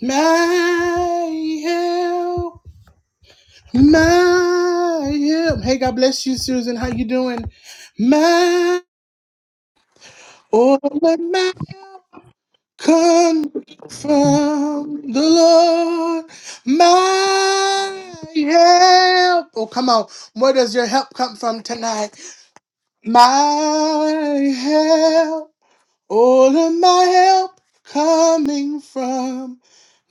My help, my help. Hey, God bless you, Susan. How you doing? My all of my come from the Lord. My help. Oh, come on. Where does your help come from tonight? My help. All of my help coming from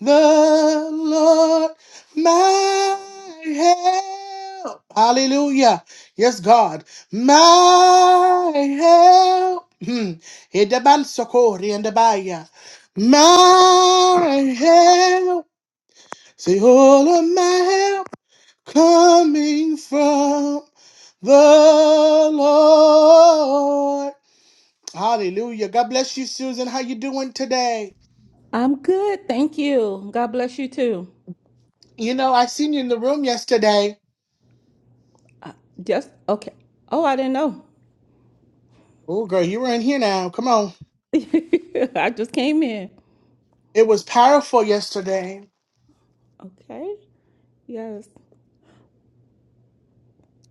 the Lord, my help. Hallelujah. Yes, God, my help. Hmm. Edaban sokori and abaya. My help. Say, all of my help coming from the Lord. Hallelujah. God bless you, Susan. How you doing today? I'm good, thank you. God bless you too. You know, I seen you in the room yesterday. Just okay. Oh, I didn't know. Oh, girl, you were in here now. Come on. I just came in. It was powerful yesterday. Okay. Yes.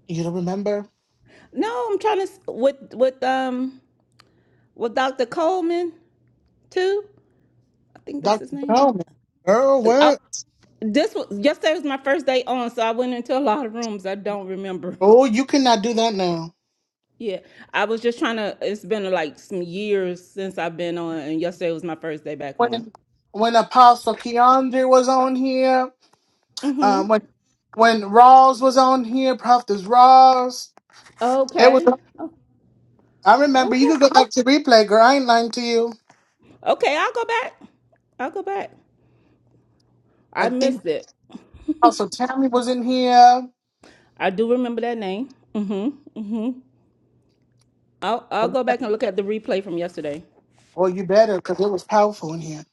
You don't remember? No, I'm trying to s- with with um with Dr. Coleman too. I think that's Dr. his name. Coleman. Girl, Uh, I, what? this was yesterday was my first day on, so I went into a lot of rooms I don't remember. Oh, you cannot do that now. Yeah, I was just trying to. It's been like some years since I've been on, and yesterday was my first day back on. When when Apostle Keandre was on here, Mm-hmm. um, when when Rawls was on here, Prophet Rawls, it was. Okay. Oh, I remember. You could okay. go back to replay, girl. I ain't lying to you. Okay, I'll go back. I'll go back. I I think missed it. Apostle Tammy was in here. I do remember that name. Mm-hmm. Mm-hmm. I'll I'll go back and look at the replay from yesterday. Well, you better, because it was powerful in here.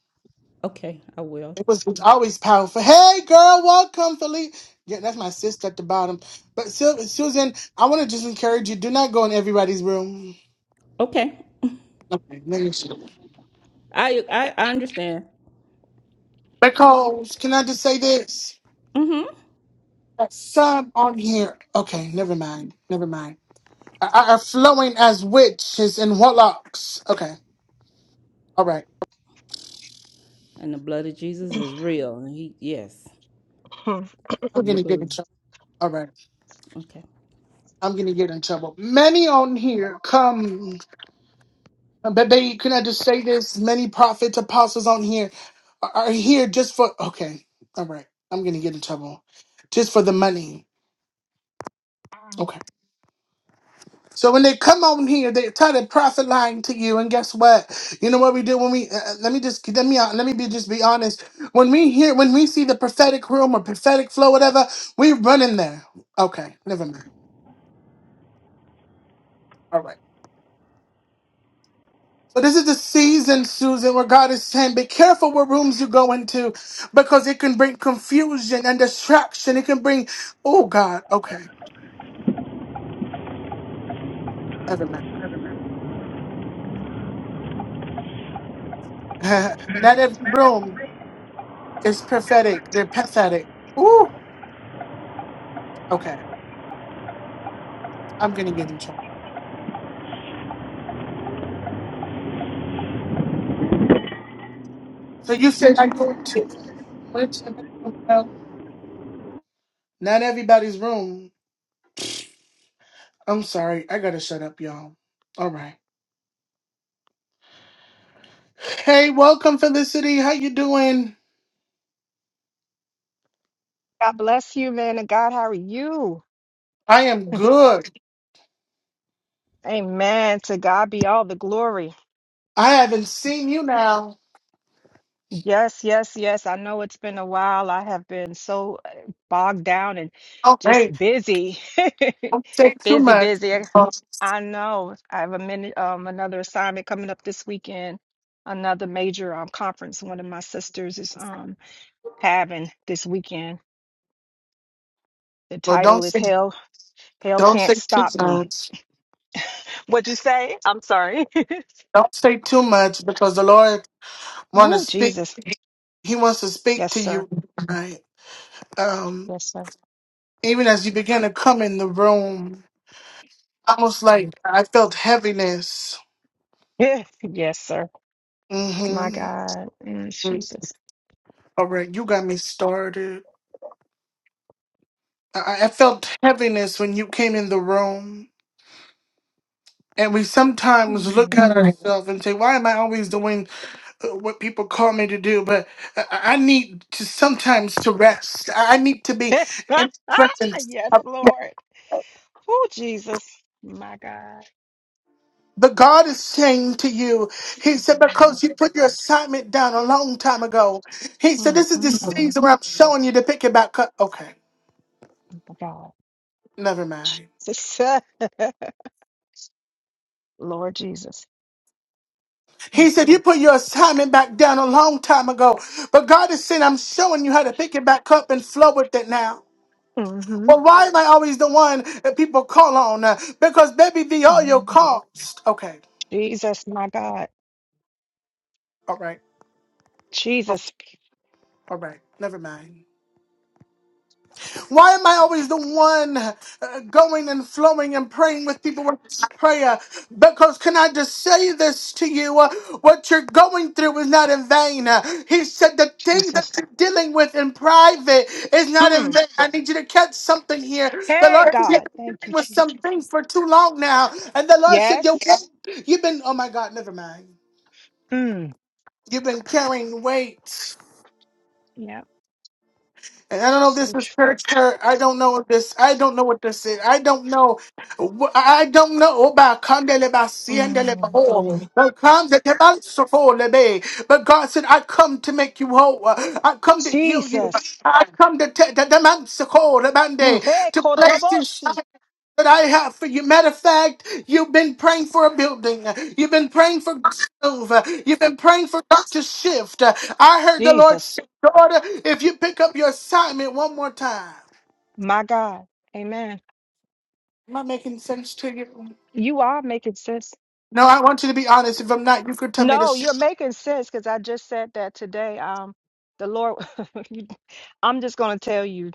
Okay, I will. It was, it's always powerful. Hey, girl, welcome, Philippe. Yeah, that's my sister at the bottom. But Sil- Susan, I want to just encourage you: do not go in everybody's room. Okay. Okay, let me see. I I, I understand. Because can I just say this? Mm-hmm. That Some on here. Okay, never mind. Never mind. Are, are flowing as witches and warlocks. Okay, all right. And the blood of Jesus is real. And he yes. Hmm. I'm We gonna get in believe. trouble. All right, Okay. I'm gonna get in trouble. Many on here come. Bebe, can I just say this? Many prophets, apostles on here are are here just for okay. All right. I'm gonna get in trouble. Just for the money. Okay. So when they come on here, they try to profit lying to you, and guess what? You know what we do when we uh, uh, let me just let me uh, let me be just be honest. When we hear when we see the prophetic room or prophetic flow, whatever, we run in there. Okay, never mind. All right. So this is the season, Susan, where God is saying, be careful what rooms you go into because it can bring confusion and distraction. It can bring, oh God, okay, never mind. Not every room is prophetic. They're pathetic. Ooh, okay, I'm going to get in trouble. So you said I go to which room. Well, not everybody's room. I'm sorry. I got to shut up, y'all. All right. Hey, welcome, Felicity. How you doing? God bless you, man of God. How are you? I am good. Amen. To God be all the glory. I haven't seen you now. Yes, yes, yes. I know it's been a while. I have been so uh, bogged down and Oh, hey. just busy. Don't say too busy, much. busy. I I know I have a minute, um, another assignment coming up this weekend, another major um, conference one of my sisters is um having this weekend. The Well, don't title is say Hell, Hell don't say Can't too Stop Me. much. What'd you say? I'm sorry. Don't say too much because the Lord want to Oh, speak. Jesus. He wants to speak Yes, to sir. you, right? Um, Yes, sir. even as you began to come in the room, almost like I felt heaviness. Yeah. Yes, sir. My Mm-hmm. God. Mm, Jesus. All right, you got me started. I, I felt heaviness when you came in the room. And we sometimes look Mm. at ourselves and say, "Why am I always doing?" uh, what people call me to do, but I, I need to sometimes to rest. I I need to be in presence Yes, of Lord. Oh, Jesus. My God. the God is saying to you, He My said, because Lord. you put your assignment down a long time ago. He said, Mm, This is the mm, mm. season where I'm showing you to pick it back up. Okay, My God. never mind. Jesus. Lord Jesus. He said, You put your assignment back down a long time ago, but God is saying, I'm showing you how to pick it back up and flow with it now. Mm-hmm. But why am I always the one that people call on? Uh, Because baby, the all your cost. Okay. Jesus, my God. All right. Oh, Jesus. all right. Never mind. Why am I always the one uh, going and flowing and praying with people with prayer? Because can I just say this to you? Uh, What you're going through is not in vain. Uh, He said the thing that Jesus. you're dealing with in private is not in Mm. vain. I need you to catch something here. The Hey, Lord said God. you've been Thank you, dealing with some Jesus. things for too long now. And the Lord said, Your Yes. weight, you've been, oh my God, never mind. Mm. You've been carrying weight. Yep. And I don't know if this So is church hurt. I don't know if this. I don't know what this is. I don't know. wh- I don't know about Kandele Basiendele true. Baho. Mm. But come the Tebansofo Lebe. But God said, I come to make you whole. I come to heal you. Jesus. I come to te- the Demansoko Mm. Hey, Lebande to bless you Kododoboshi. that I have for you. Matter of fact, you've been praying for a building. You've been praying for God to move. You've been praying for God to shift. I heard the Lord Jesus. say, daughter, if you pick up your assignment one more time. My God. Amen. Am I making sense to you? You are making sense. No, I want you to be honest. If I'm not, you could tell me to. No, sh- you're making sense because I just said that today. Um, the Lord, you- I'm just going to tell you,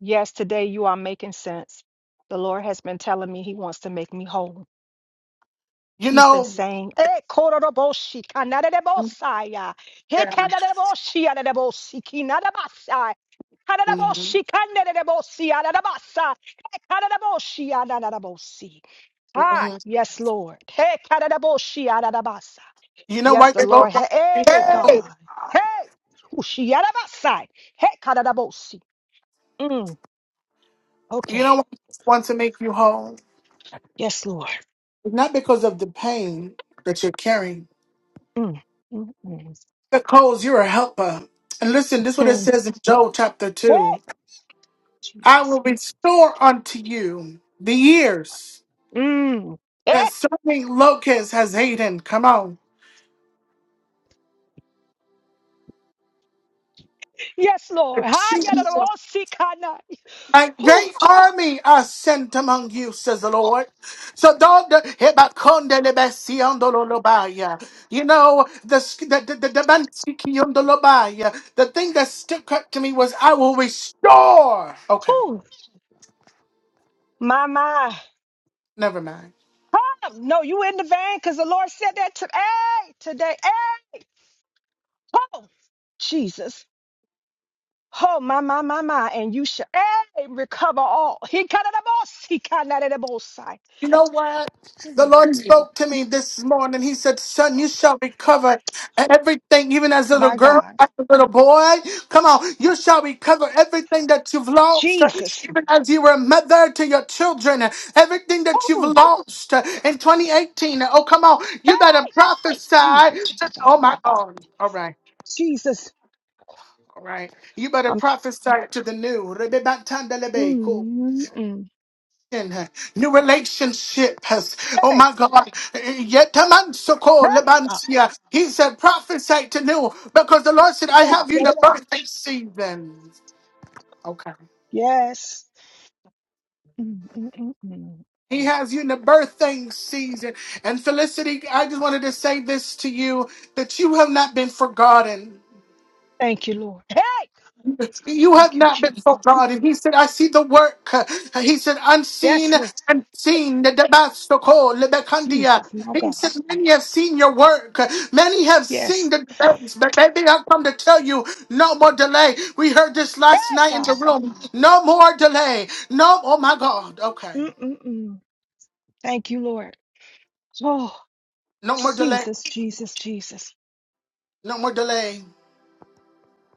yes, today you are making sense. The Lord has been telling me He wants to make me whole. You He's been know, saying, "Eh, Kododoboshi, kanadadebosaya, he yeah. kanadadeboshi, adadebosi, kinadabasaya." Mhm. Karadaboshi kanderebosi adadabasa. Karadaboshi adadabosi. Ah, Mhm. yes, Lord. Hey, karadaboshi adadabasa. you know Yes, why the the Lord Lord. Hey, Hey! God. Hey, ushi adabasa. Hey, karadabosi. Mm, you know okay. why he wants to make you whole? Yes, Lord. It's Not because of the pain that you're carrying, Mm, mm, mm, Because you're a helper. And listen, this is what it mm. says in Joel chapter Hey, 2. I Jesus. will restore unto you the years Mm. that Eh, certain locust has eaten. Come on. yes, Lord. The Hi, children of yadadabosi kana. my Ooh, great army are sent among you, says the Lord. So don't the you know the the the, the, the, Bansikiondolobaya. the thing that stuck out to me was I will restore. Okay, ooh, my, my. never mind. Come. No, you in the vein because the Lord said that to hey Today. Hey, oh, Jesus. Oh, my, my, my, my. And you shall hey, recover all. He cut it up. He cut it up. Side. You know what? The Lord spoke to me this morning. He said, Son, you shall recover everything, even as a little My girl, God. as a little boy. Come on, you shall recover everything that you've lost, Jesus. even as you were a mother to your children, everything that you've Oh, lost in 2018. Oh, come on, you better hey. prophesy. Jesus, my to- God. Oh, my God. All right, Jesus. all right. You better I'm. tr- prophesy to the new. mm mm mm. new relationship, Oh Hey, my God. Yet a man so called hey, God. Lebantia. He said, prophesy to new because the Lord said, Hey, I God. have you Yeah, in the that- birthday that- season. Okay. Yes. Mm, mm, mm, mm. He has you in the birthday season. And Felicity, I just wanted to say this to you that you have not been forgotten. Thank you, Lord. Hey. You have Thank you, not been Jesus. forgotten. He said, I see the work. He said, unseen Yes, Lord. and seen. The Damasco, Lebekandia. Jesus, my He God. said, Many have seen your work. Many have seen Yes. the delays. But baby, I've come to tell you, no more delay. We heard this last Hey, night in the God. room. No more delay. No, oh my God. Okay. Mm-mm-mm. Thank you, Lord. Oh, No more delay. Jesus, Jesus, Jesus. No more delay.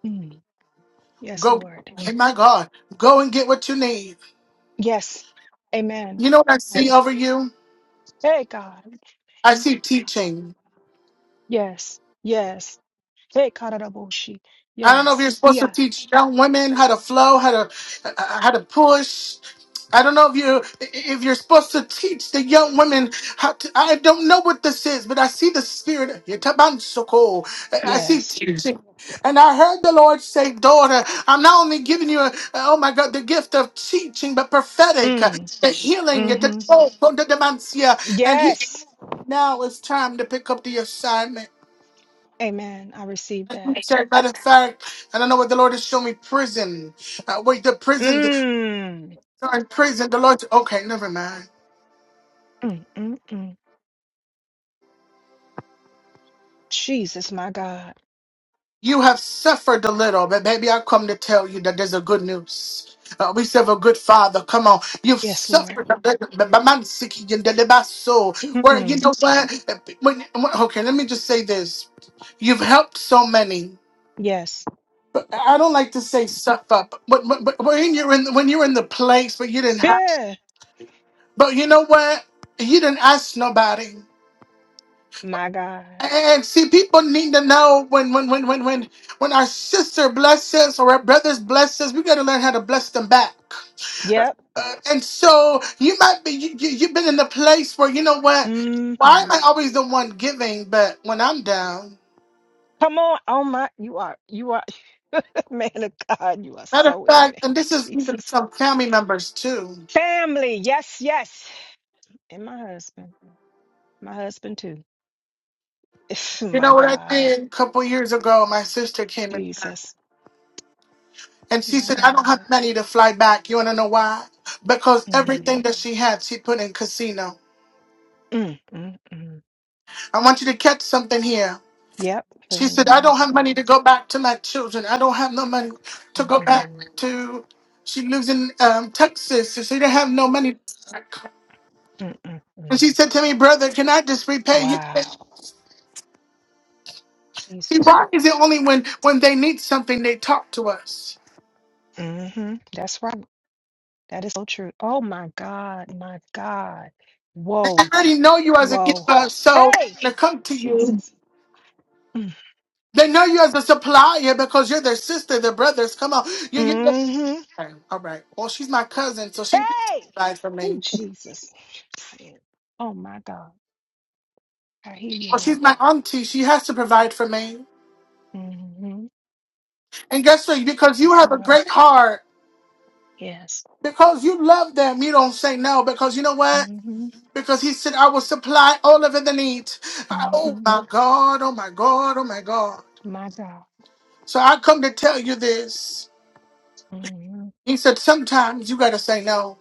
Mm. Yes, Go, Lord. hey my God. Go and get what you need. Yes. Amen. You know what I see over you? Hey, God. I see teaching. Yes. Yes. Hey, Karadaboshi. I don't know if Yes. you're supposed to Yeah. teach young women how to flow, how to uh, how to push. I don't know if you if you're supposed to teach the young women how to. I don't know what this is, but I see the spirit. Yetabansoko. I see Yes. teaching, and I heard the Lord say, "Daughter, I'm not only giving you, a, oh my God, the gift of teaching, but prophetic, Mm. the healing, the Mm-hmm. the dementia." And He Yes. now it's time to pick up the assignment. Amen. I receive You that. said, matter of fact, and I know what the Lord has shown me. Prison. Uh, wait, the prison. Mm. Sorry, prison. The Lord. Okay, never mind. Mm, mm, mm. Jesus, my God. You have suffered a little, but baby, I come to tell you that there's a good news. Uh, we serve a good father. Come on. You've Yes, Lord. suffered a little, but but man, sick, you did it by soul. Where, you Mm-mm. know what? When, when- okay, let me just say this. You've helped so many. Yes. But I don't like to say suffer, but, but, but but when you're in when you're in the place, but you didn't have. Yes. But you know what? You didn't ask nobody. My God. And see, people need to know when when when when when when our sister blesses or our brothers blesses, we gotta learn how to bless them back. Yep. Uh, and so you might be you, you you've been in a place where you know what? hmm Why am I Come always the one giving? But when I'm down, on. Oh my. You are. You are. Man of God. You are matter of so in me. fact, and this is even Jesus. some family members too. Family. Yes. Yes. And my husband. My husband too. You my know what I God. did a couple years ago? My sister came in. Jesus. And she My said, I don't have God. money to fly back. You want to know why? Because everything Mm. that she had, she put in casino. Mm, mm, mm. I want you to catch something here. Yep. Put She in the said, I wrong don't have money to spots. go back to my children. I don't have no money to go back Mm-mm. to. She lives in um, Texas, so she didn't have no money. Mm-mm. And mm. she said to me, Brother, can I just repay you? See, Wow. Jesus. why is it only when, when they need something they talk to us? hmm That's right. That is so true. Oh my God. My God. Whoa. I already know you as a Whoa. giver, so Hey, I'm going to come to you. Jesus. They know you as a supplier because you're their sister, their brothers. Come on. You, you, Mm-hmm. just, okay, all right. Well, she's my cousin, so she has to Hey. provide for Oh, me. Jesus. Oh, my God. I hear you, Well, she's Lord. my auntie. She has to provide for me. Mm-hmm. And guess what? Because you Yes, have a Lord. great heart, Yes. because you love them, you don't say no. Because you know what? Mm-hmm. Because he said, I will supply all of the needs. I- oh, Mm-hmm. my God. Oh, my God. Oh, my God. My God. So I come to tell you this. Mm-hmm. He said, sometimes you got to say no.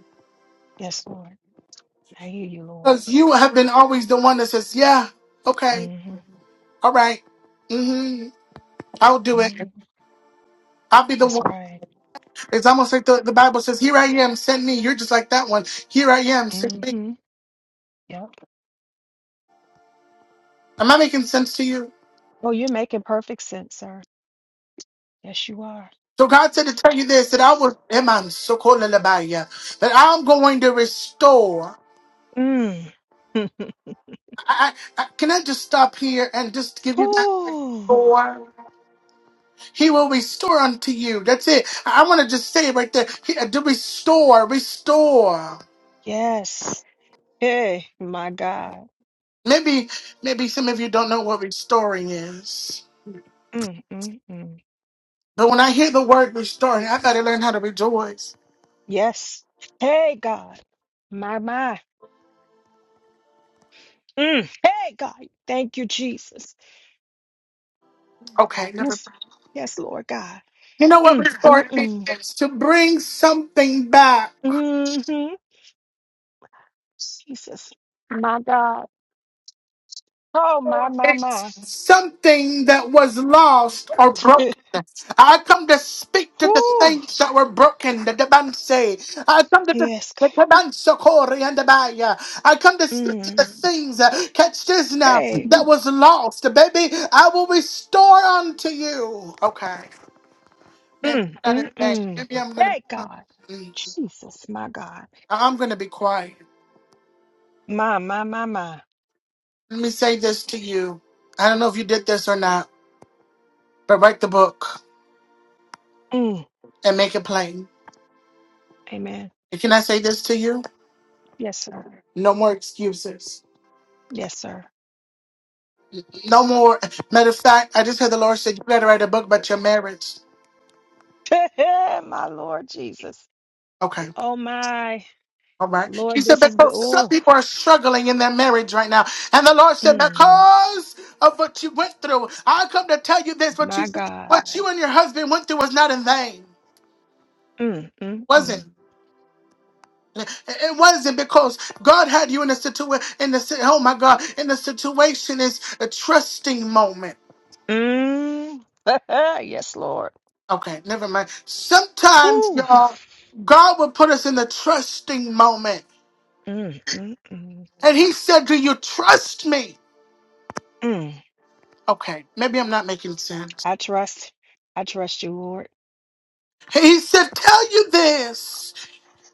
Yes, Lord. I hear you, Lord. Because you have been always the one that says, yeah, okay. Mm-hmm. All right. Mm-hmm. I'll do it. Mm-hmm. I'll be the That's one. right. It's almost like the, the Bible says, Here I am, send me. You're just like that one. Here I am, send me. Mm-hmm. Yep. Am I making sense to you? Oh, you're making perfect sense, sir. Yes, you are. So God said to tell you this that I will Eman Sokolalabaya, that I'm going to restore. Mm. I, I, I- can I just stop here and just give you that Oh, restore? He will restore unto you. That's it. I, I want to just say it right there. He, uh, to restore, restore. yes. Hey, my God. Maybe maybe some of you don't know what restoring is. Mm, mm, mm. But when I hear the word restoring, I gotta learn how to rejoice. Yes. Hey, God. My, my. Mm. Hey, God. Thank you, Jesus. Okay, never. Yes. Yes, Lord God. You know what Mm, mm, restoring mm. is? To bring something back. Mm-hmm. Jesus. My God. Oh, my, my, It's my. Something that was lost or broken. I come to speak to the Whew. things that were broken, the Debanse. I come to the Yes, the God. Debanse Kori and the Baya. I come to speak to the Mm. things, uh, catch this now, Hey. that was lost. Baby, I will restore unto you. Okay. Man, Mm, better than mm, that. mm. maybe I'm gonna. Hey, God. Jesus, my God. I'm gonna be quiet. My, my, my, my. Let me say this to you. I don't know if you did this or not, but write the book Mm. and make it plain. Amen. And can I say this to you? Yes, sir. No more excuses. Yes, sir. No more. Matter of fact, I just heard the Lord said you better write a book about your marriage. my Lord Jesus. Okay. Oh my All right. He Lord, said, this is good. because some Oh, people are struggling in their marriage right now. And the Lord said, mm, because of what you went through, I come to tell you this, what you my God. what you and your husband went through was not in vain. Mm, mm, Wasn't. mm. It wasn't because God had you in a situation. In the si- oh my God, in the situation is a trusting moment. Mm. Yes, Lord. Okay, never mind. Sometimes Ooh. y'all, God will put us in the trusting moment, Mm, mm, mm, and He said, "Do you trust me?" mm. Okay, maybe I'm not making sense. I trust. I trust you, Lord. He said, "Tell you this."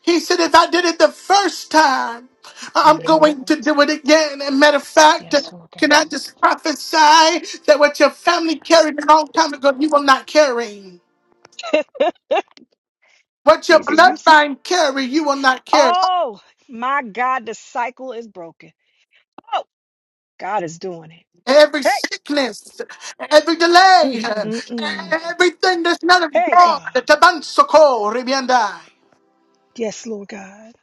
He said, if I did it the first time, I'm hmm going to do it again. And matter of fact, Yes, Lord can I God. just prophesy that what your family carried a long time ago, you will not carry. What your Jesus, you. s- bloodline carry, you will not carry. Oh, my God, the cycle is broken. Oh, God is doing it. Every Hey. sickness, every delay, Mm, mm, mm. everything that's not of Hey, God, the God. tabansoko, ribiandai. Yes, Lord God.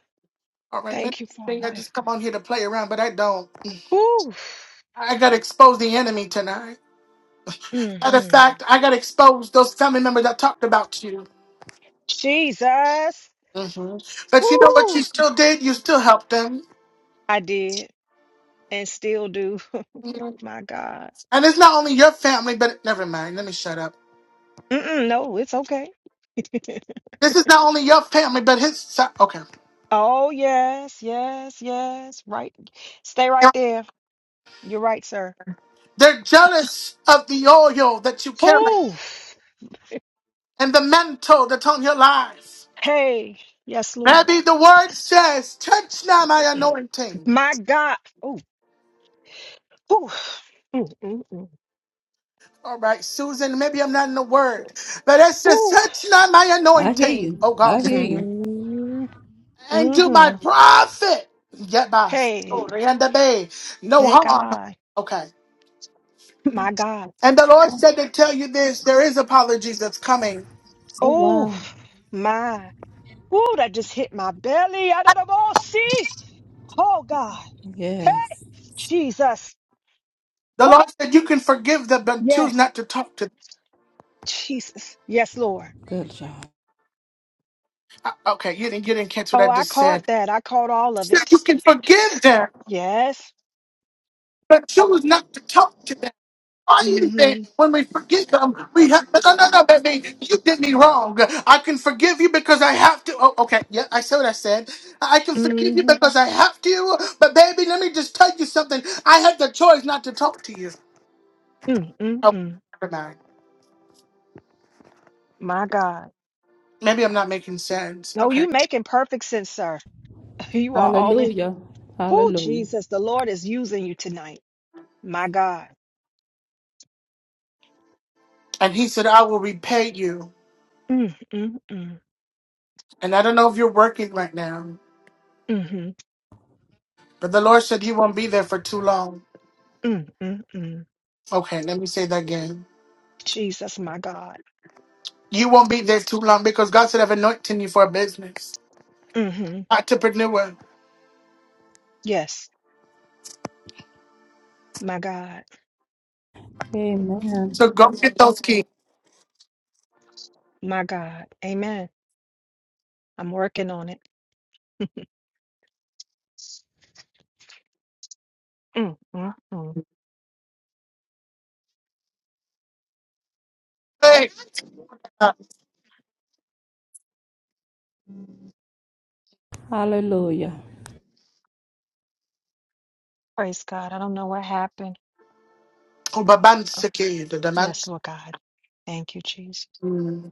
All right, many Thank you, think I Father. just come on here to play around, but I don't. Ooh. I got to expose the enemy tonight. Matter of Mm-hmm. fact, I got exposed. Those family members that talked about you. Jesus. hmm But you know what you ooh, still did? You still helped them. I did and still do. Mhm. My God. And it's not only your family, but never mind. Let me shut up. Mm-mm, no, it's okay. This is not only your family, but his. si- Okay. oh, yes, yes, yes. Right. Stay right there. You're right, sir. They're jealous of the oil that you carry Ooh. and the mantle that's on your life. Hey. Yes, Lord. Maybe the word says, touch not my anointing. My God. Ooh. Ooh. Mm, mm, mm. All right, Susan, maybe I'm not in the word, but it says, Ooh. touch not my I hear anointing. you. Oh, God. I hear you. Mm, and to my mhm. prophet. Get my Hey. story and the bay. No thank harm. God. Okay. My God. And the Lord said to tell you this there is apologies that's coming. Oh Oh, wow. my. Ooh, that just hit my belly. I don't know. See? Oh, God. Hey, Yes. Jesus. The Oh, Lord said you can forgive them, but choose yes. not to talk to them. Jesus. Yes, Lord. Good job. Uh, Okay, you didn't, you didn't catch what Oh, I I just caught said. that. I caught all of Said it. You can forgive them, Yes. but choose not to talk to them. I even Mm-hmm. when we forgive them, we have no, no, no, no, baby, you did me wrong. I can forgive you because I have to. Oh, okay, yeah, I said what I said. I can forgive you Mm-hmm. because I have to. But baby, let me just tell you something. I had the choice not to talk to you. Oh, Mm-mm-mm. never mind. My God. Maybe I'm not making sense. No, Okay. you making perfect sense, sir. You are all in. Hallelujah. Oh, Hallelujah. Jesus. The Lord is using you tonight. My God. And he said, I will repay you. Mm-mm-mm. And I don't know if you're working right now, Mm-hmm. but the Lord said He won't be there for too long. Mm-mm-mm. Okay, let me say that again. Jesus, my God. You won't be there too long because God said I've anointed you for a business, Mm-hmm. entrepreneur. Yes. My God. Amen. So go get those kids. My God. Amen. I'm working on it. Mm, mm, mm. Hey, uh, Hallelujah. Praise God. I don't know what happened. but Oh, the the yes, Lord God. Thank you, Jesus. Mm,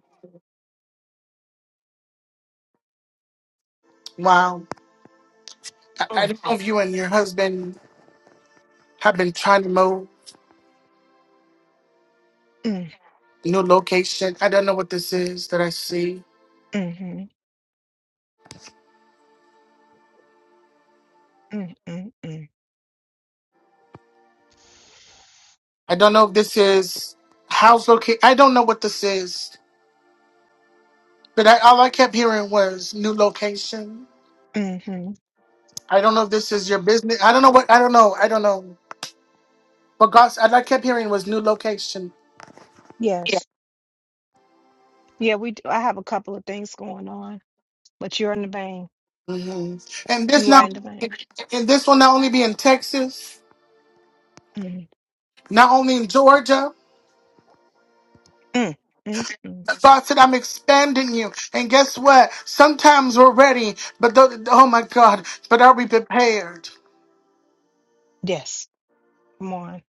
Wow. I, I Mm, don't know if you and your husband have been trying to move mm, new location. I don't know what this is that I see. hmm mm, mm, I don't know if this is house location. I don't know what this is. But I, all I kept hearing was new location. mm-hmm. I don't know if this is your business. I don't know what. I don't know. I don't know. But God, all I kept hearing was new location. Yes. Yeah, we do. I have a couple of things going on, but you're in the vein. hmm And this You are in not. the vein. And this will not only be in Texas. Mm, not only in Georgia. mm, mm, mm. God said, I'm expanding you. And guess what? Sometimes we're ready, but th- oh my God, but are we prepared? Yes. Come on.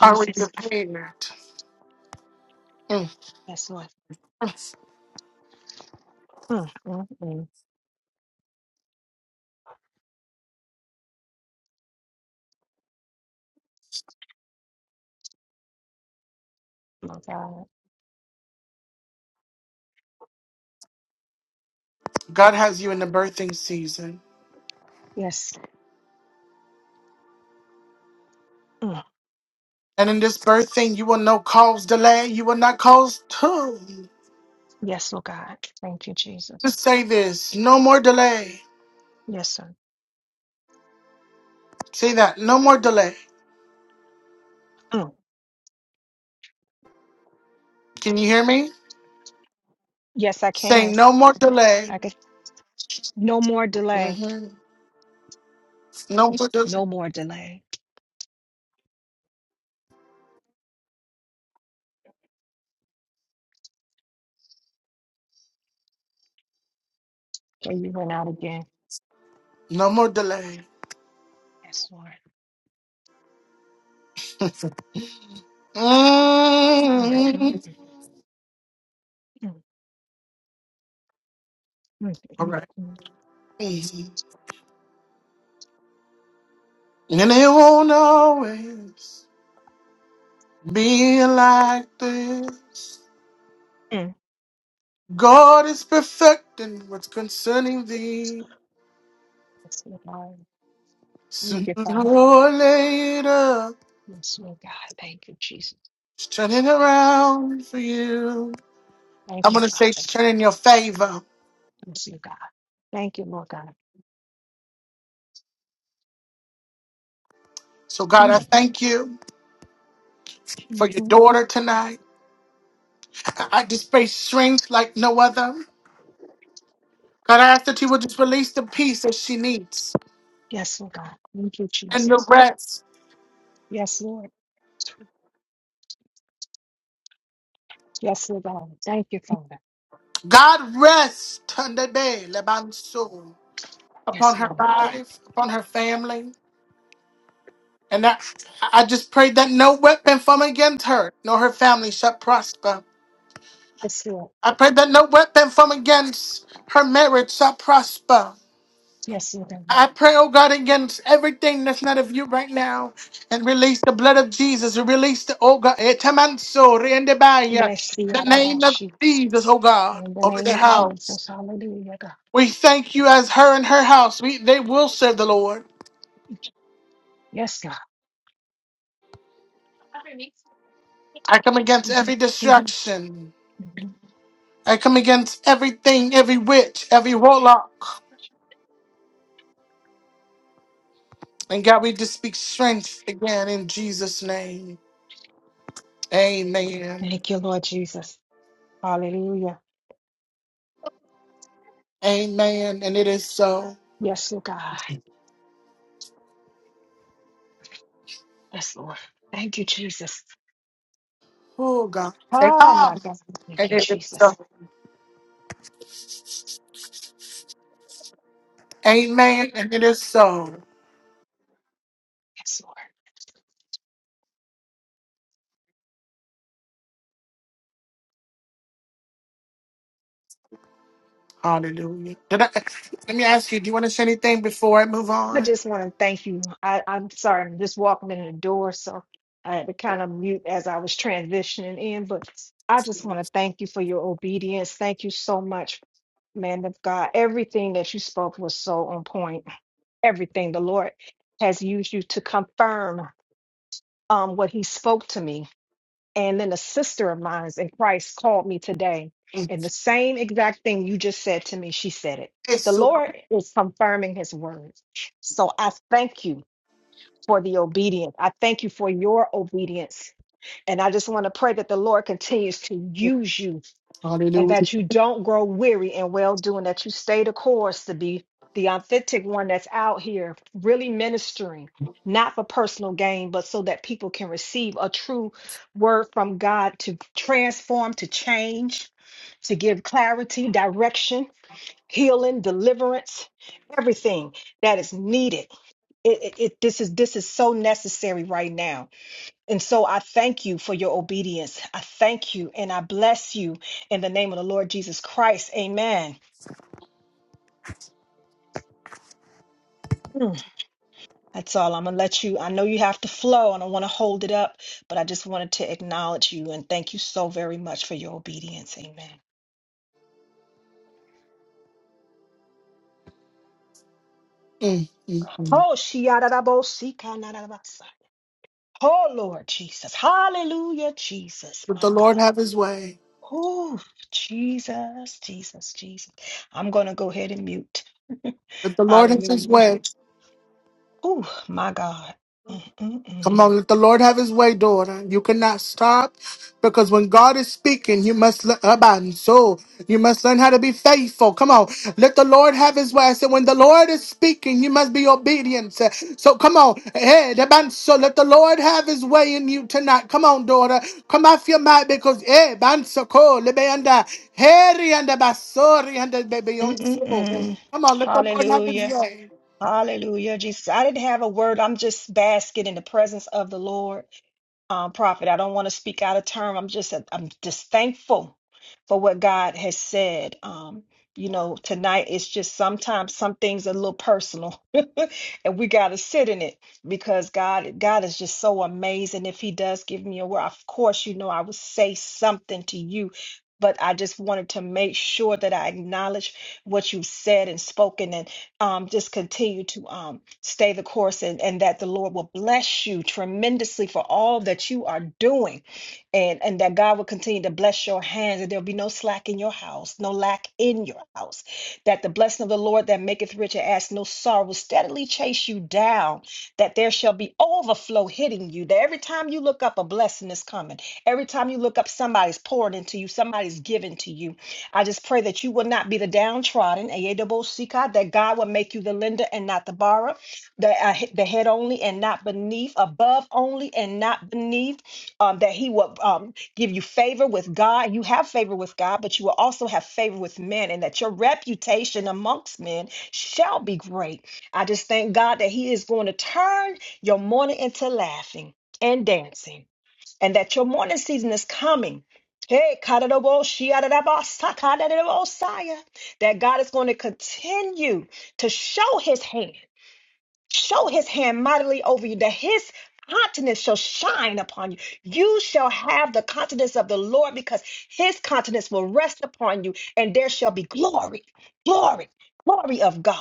Are we prepared? Mm. Yes, Lord. Mm, mm, mm. My God. God has you in the birthing season. Yes. Mm. And in this birthing, you will not cause delay. You will not cause tomb. Yes, Lord God. Thank you, Jesus. Just say this no more delay. Yes, sir. Say that no more delay. mm, Can you hear me? Yes, I can. Say no more delay. I can. No more delay. Mhm. No more delay. No more delay. So you went out again. No more delay. Yes, Lord. Mm, mm, Mm. mm, mm, All right. mm, mm, And it won't always be like this. mm. God is perfecting what's concerning thee. Yes, Lord. Thank Sooner you, Father. or later, Yes, Lord God. Thank you, Jesus. it's turning around for you. I'm Thank you, going to say it's Father. turning in your favor. Yes, Lord God. Thank you, Lord God. So, God, I Mm, thank you for your mhm. daughter tonight. I I just display strength like no other. God, I ask that you will just release the peace that she needs Yes, Lord God. Thank you, and the Jesus. rest Yes, Lord. Yes, Lord God. Thank you, Father. God rest Tandebe Lebansu upon Yes, her Lord. life, upon her family. And that, I just pray that no weapon from against her nor her family shall prosper. Yes, Lord. I pray that no weapon from against her marriage shall prosper. Yes, Lord God. I pray, oh God, against everything that's not of you right now and release the blood of Jesus. Release the, oh God, Etamanso, Rendebaya, Yes, the name of Lord. Jesus, oh God, In the over name the of house. Jesus. Hallelujah, God. We thank you as her and her house. We they will serve the Lord. Yes, God. I come against Mm, every mm, distraction. mm. I come against everything, every witch, every warlock. And God, we just speak strength again in Jesus' name. Amen. Thank you, Lord Jesus. Hallelujah. Amen. And it is so. Yes, Lord God. Yes, Lord. Thank you, Jesus. Oh God. And Oh, ah, my God. Thank and you, it is so. Jesus. Amen. And it is so. Yes, Lord. Hallelujah. Did I, let me ask you, do you want to say anything before I move I on? just want to thank you. I, I'm sorry, I'm just walking in the door, so I had to kind of mute as I was transitioning in, but I just want to thank you for your obedience. Thank you so much, man of God. Everything that you spoke was so on point everything. The Lord has used you to confirm um, what He spoke to me. And then a sister of mine in Christ called me today, Mm. and the same exact thing you just said to me, she said it. Yes, The so- Lord is confirming His word. So I thank you for the obedience. I thank you for your obedience. And I just want to pray that the Lord continues to use you and Hallelujah. that you don't grow weary in well doing, that you stay the course to be the authentic one that's out here really ministering, not for personal gain, but so that people can receive a true word from God to transform, to change, to give clarity, direction, healing, deliverance, everything that is needed. It, it, it- this is this is so necessary right now and so I thank you for your obedience. I thank you and I bless you in the name of the Lord Jesus Christ. Amen. Mm. That's all. I'm going to let you. I know you have to flow. I don't want to hold it up, but I just wanted to acknowledge you and thank you so very much for your obedience. Amen. Mm, mm, mm. Oh, shiadadabosikanadarabasa. oh Lord Jesus. Hallelujah, Jesus, Let the my Lord God. have his way. Oh, Jesus, Jesus, Jesus. I'm going to go ahead and mute. Let the Lord have his Hallelujah. way. Oh, my God. Come Mm-mm-mm. on, let the Lord have his way, daughter. You cannot stop because when God is speaking, you must learn about so you must learn how to be faithful. Come on, let the Lord have his way. I said, when the Lord is speaking, you must be obedient. So so come on, hey, Abba, so let the Lord have his way in you tonight. Come on, daughter. Come off your mind because hey, Bansoko, Lebeanda, Heri and Basori and baby on so. cool. Mm-mm-mm. Come on, let the Lord have his Hallelujah. way. Hallelujah. Jesus, I didn't have a word. I'm just basking in the presence of the Lord. um, prophet. I don't want to speak out of term. I'm just I'm just thankful for what God has said. Um, you know, tonight it's just sometimes some things are a little personal, and we got to sit in it because God God is just so amazing. If He does give me a word, of course, you know I would say something to you. But I just wanted to make sure that I acknowledge what you said and spoken, um, just continue to um, stay the course and, and that the Lord will bless you tremendously for all that you are doing and, and that God will continue to bless your hands and there'll be no slack in your house, no lack in your house. That the blessing of the Lord that maketh rich and adds no sorrow will steadily chase you down, that there shall be overflow hitting you, that every time you look up, a blessing is coming. Every time you look up, somebody's pouring into you, somebody's giving to you I just pray that you will not be the downtrodden, AAWCK, that God will make you the lender and not the borrower, the, uh, he- the head only and not beneath, above only and not beneath, um, that He will um, give you favor with God. You have favor with God, but you will also have favor with men, and that your reputation amongst men shall be great. I just thank God that He is going to turn your mourning into laughing and dancing and that your morning season is coming. Hey, kadadaboshiadadabasakadadabosaya, that God is going to continue to show his hand show his hand mightily over you, that his countenance shall shine upon you. You shall have the countenance of the Lord because his countenance will rest upon you, and there shall be glory, glory, glory of God.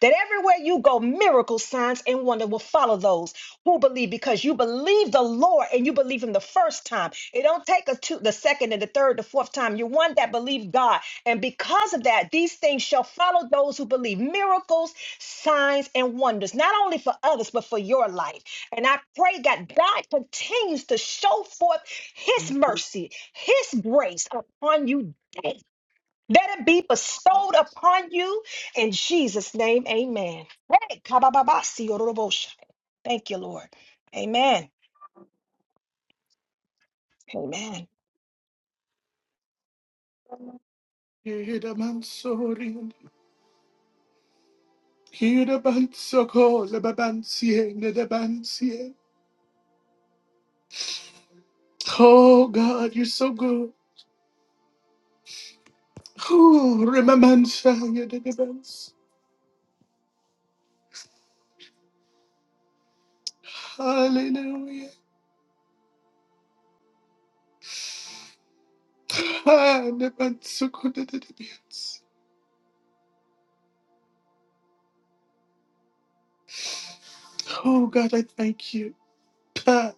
That everywhere you go, miracles, signs, and wonder will follow those who believe because you believe the Lord and you believe him the first time. It don't take a two, the second and the third, the fourth time. You're one that believe God. And because of that, these things shall follow those who believe. Miracles signs and wonders, not only for others, but for your life. And I pray, God, God continues to show forth His mercy, His grace upon you daily. Let it be bestowed upon you in Jesus' name. Amen. Hey, kabababasi, yorobosha. Thank you, Lord. Amen. Amen. Yeah, Abba, sorry. Peter Bansoko, Lebabansie, Nedabansie. Oh God, you're so good. Oh, Remamansa, Yedebans. Hallelujah. Ah, Nebansoko, Nedebans. Oh God, I thank you. Ah,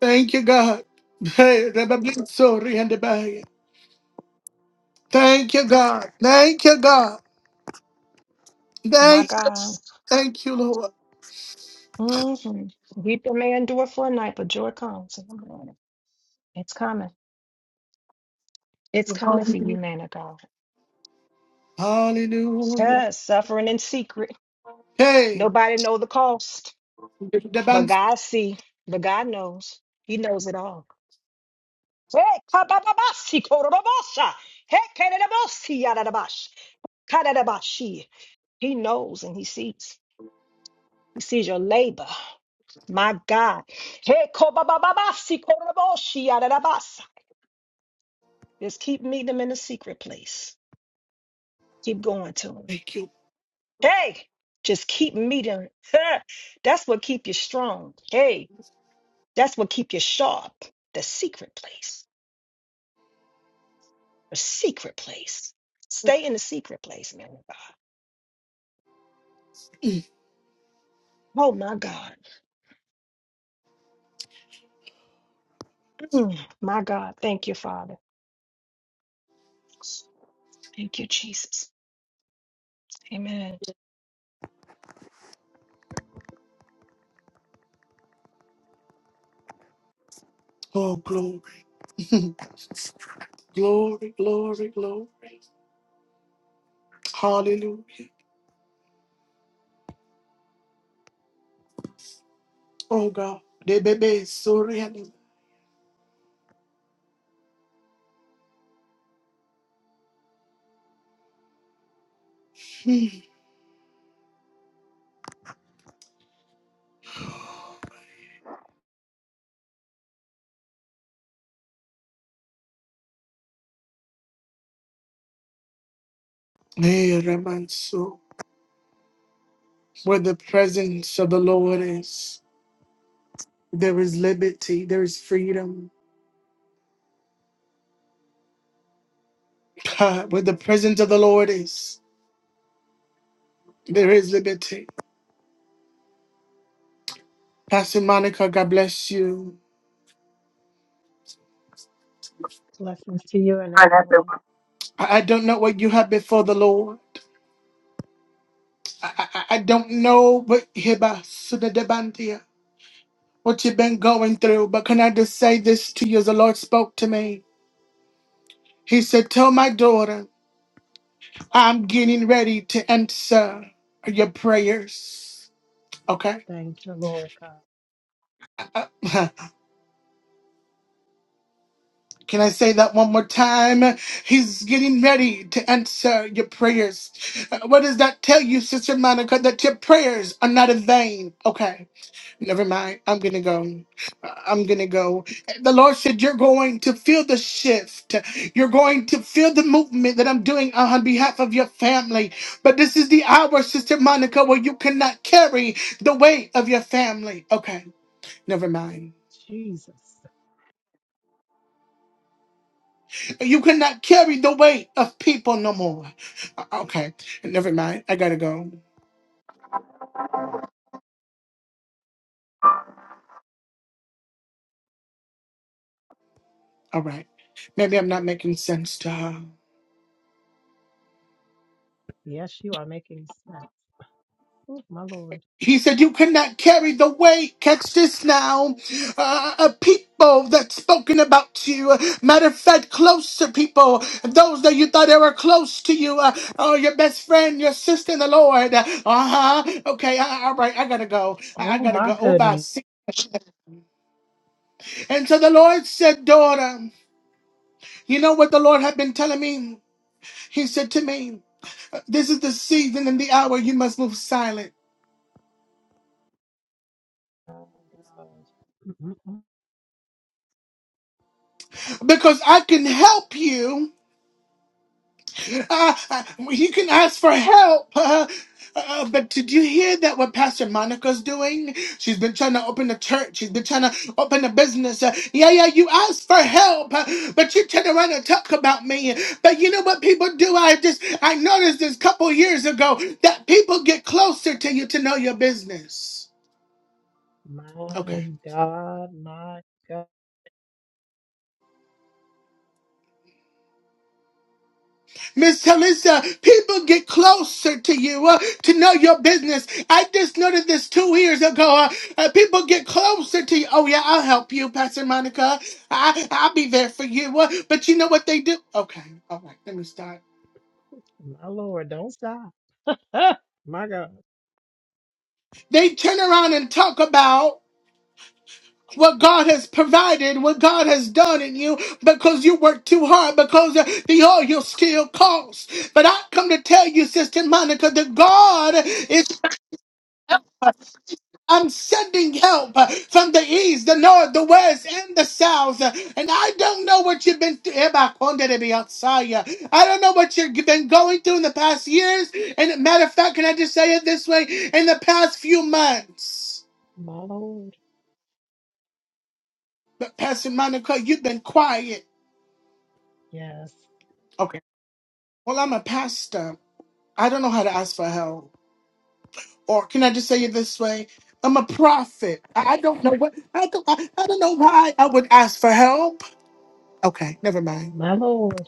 Thank you, God. Hey, Rebabanso, Riandebaya. Thank you, God. Thank you, God. My Thank, God. thank you, Lord. Mm-hmm. Weeping may endure for a night, but joy comes in the morning. It's coming. It's coming for you, Hallelujah. man of God. Hallelujah. Yes, suffering in secret. Hey, Nobody know the cost, but Nedebansa. God see, but God knows. He knows it all. Hey, kabababasi, kororobosa. Hey, kererebosi, yaradabash, karadabashi. He knows and he sees. He sees your labor. My God. Hey, kobabababasi, kororoboshi, yaradabasa. Just keep meeting him in the secret place. Keep going to him. Thank you. Hey, just keep meeting. him. That's what keep you strong. Hey, that's what keep you sharp. The secret place. a secret place. Stay in the secret place, man of God. Oh my God. Mm, my God. Thank you, Father. Thank you, Jesus. Amen. Oh, glory. Glory, glory, glory. Hallelujah. Oh God. Debebe soriana. Hmm. Eh, remanso. Where the presence of the Lord is, there is liberty, there is freedom. Ha, Where the presence of the Lord is, there is liberty. Pastor Monica, God bless you. Blessings to you and I everyone. I don't know what you have before the Lord. I, I, I don't know what Heba Sudadebantia, what you've been going through, but can I just say this to you as the Lord spoke to me? He said, Tell my daughter, I'm getting ready to answer your prayers. Okay? Thank you, Lord God. Uh, Can I say that one more time? He's getting ready to answer your prayers. Uh, What does that tell you, Sister Monica? That your prayers are not in vain. Okay. Never mind. I'm going to go. I'm going to go. The Lord said, You're going to feel the shift. You're going to feel the movement that I'm doing on behalf of your family. But this is the hour, Sister Monica, where you cannot carry the weight of your family. Okay, never mind. Jesus. You cannot carry the weight of people no more. Uh, Okay, never mind. I got to go. All right. Maybe I'm not making sense to her. Yes, you are making sense. Oh, my Lord. He said, You cannot carry the weight. Catch this now. Uh, uh, people that spoken about you. Uh, Matter of fact, closer people. Those that you thought they were close to you. Uh, oh, your best friend, your sister in the Lord. Uh huh. Okay. Uh, all right. I gotta go. I, I Oh, gotta my go. Oh, bye. goodness. See- ya. And so the Lord said, Daughter, you know what the Lord had been telling me? He said to me, This is the season and the hour you must move silent My God. Mm-mm-mm. because I can help you. Uh, uh, you can ask for help. Uh, uh, but did you hear that what Pastor Monica's doing? She's been trying to open a church. She's been trying to open a business. Uh, yeah, yeah, you asked for help, uh, but you turn around and talk about me. But you know what people do? I just, I noticed this couple years ago that people get closer to you to know your business. Okay. My God. My God. Miss Talisa, people get closer to you uh, to know your business. I just noticed this two years ago. Uh, uh, people get closer to you. Oh yeah, I'll help you, Pastor Monica. I I'll be there for you. Uh, but you know what they do? Okay, all right, let me start. My Lord. Don't stop. Ah, my God. They turn around and talk about what God has provided, what God has done in you, because you worked too hard, because uh, the oil still costs. But I come to tell you, Sister Monica, that God is I'm sending help uh, from the east, the north, the west, and the south. Uh, And I don't know what you've been through. I don't know what you've been going through in the past years. And matter of fact, can I just say it this way? In the past few months, My Lord. but Pastor Monica, you've been quiet. Yes. Okay. Well, I'm a pastor. I don't know how to ask for help. Or can I just say it this way? I'm a prophet. I I don't know what I don't, I, I don't know why I would ask for help. Okay, never mind. My Lord.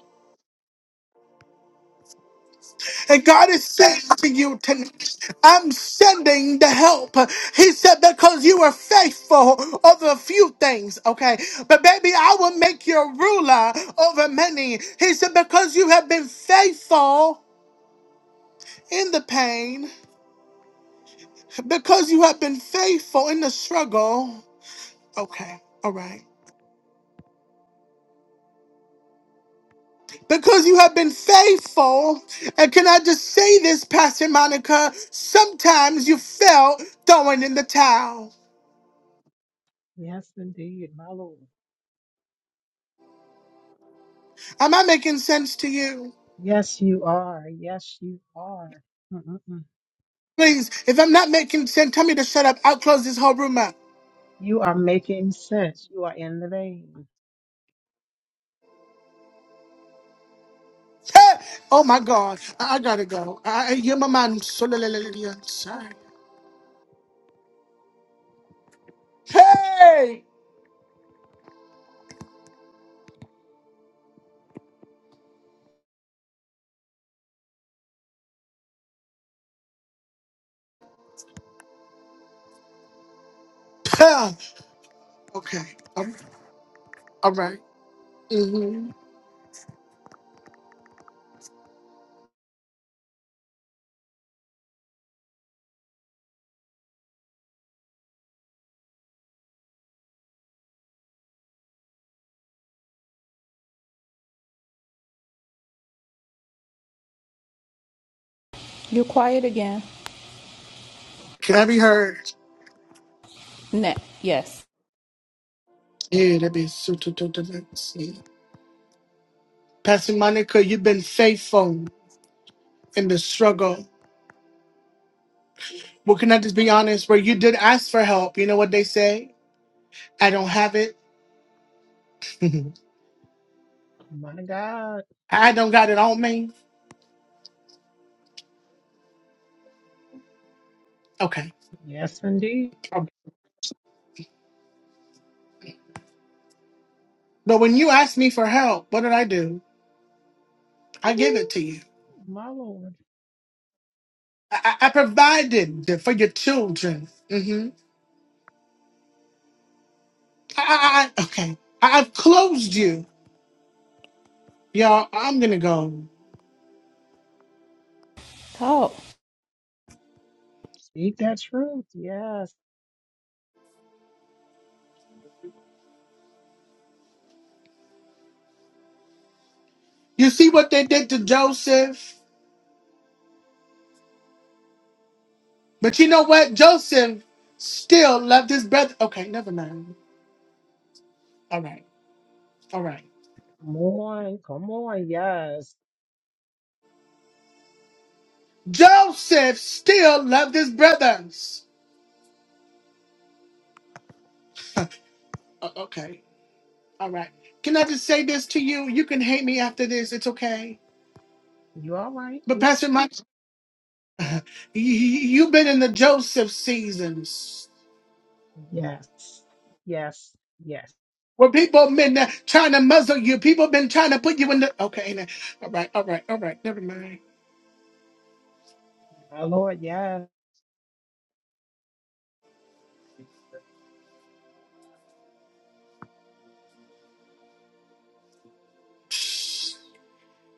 And God is saying to you tonight, I'm sending the help. He said, because you were faithful over a few things, okay? But baby, I will make you a ruler over many. He said, because you have been faithful in the pain, because you have been faithful in the struggle, okay? All right. Because you have been faithful, and can I just say this, Pastor Monica? Sometimes you felt throwing in the towel. Yes, indeed. My Lord. Am I making sense to you? Yes, you are. Yes, you are. Mm-mm-mm. Please, if I'm not making sense, tell me to shut up. I'll close this whole room out. You are making sense. You are in the vein. Hey! Oh my God, I, I gotta go. I, you're my man. So la- la- la- la- la- sorry. Hey! Huh. Okay. Um, all right. Mm-hmm. You're quiet again. Can I be heard? Ne- yes. Yeah, that be so. so- so- so- so- see. Pastor Monica, you've been faithful in the struggle. Well, can I just be honest? Where you did ask for help, you know what they say? I don't have it. My God. I don't got it on me. Okay. Yes, indeed. But when you asked me for help, what did I do? I gave it Ooh, to you. my Lord. I, I I provided for your children. hmm I, I, I, okay. I, I've closed you. Y'all, I'm going to go. Talk. Speak that truth. Yes. You see what they did to Joseph? But you know what? Joseph still loved his brother. Okay, never mind. All right. All right. Come on. Come on. Yes. Joseph still loved his brothers. O- okay. All right. Can I just say this to you? You can hate me after this. It's okay. You all right? But Pastor Mike. You've been in the Joseph seasons Yes. Yes. Yes. where people have been uh, trying to muzzle you. People have been trying to put you in the. Okay, now. all right, all right, all right. Never mind. My Lord. Yes.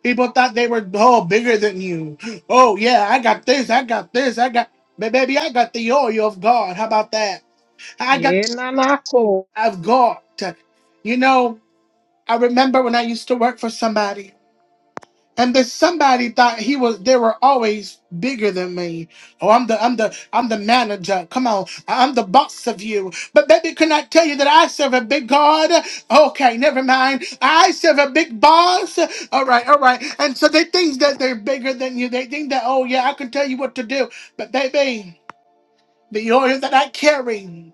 People thought they were oh bigger than you. Oh yeah, I got this. I got this. I got. But baby, I got the oil of God. How about that? I got Yeah, na, na, cool. of God. You know, I remember when I used to work for somebody. and that somebody thought he was they were always bigger than me oh i'm the i'm the i'm the manager come on i'm the boss of you but baby can i tell you that i serve a big god okay never mind i serve a big boss all right all right and so they think that they're bigger than you they think that oh yeah i can tell you what to do but baby the oil that i carry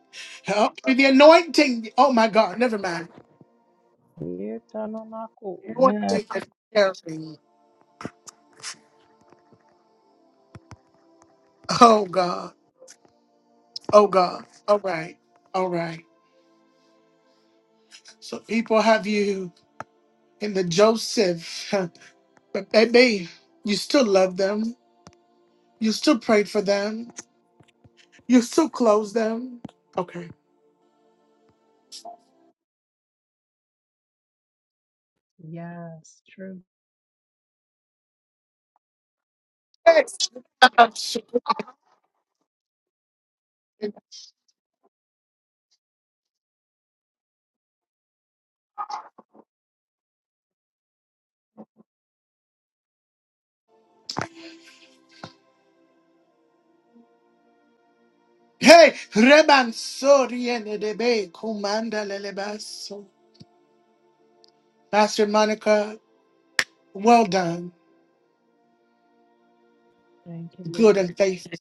oh, the anointing oh my god never mind Yeah, ta, na, na, cool. Yes. anointing that carrying? oh god Oh God. All right. All right. So people have you in the Joseph. But baby, you still love them. You still prayed for them. You still close them. Okay. Yes. True. Yes. Hey, Reban Sorian Debe Kumanda Lelebaso. Pastor Monica, well done, Thank you, good Lord. and faithful.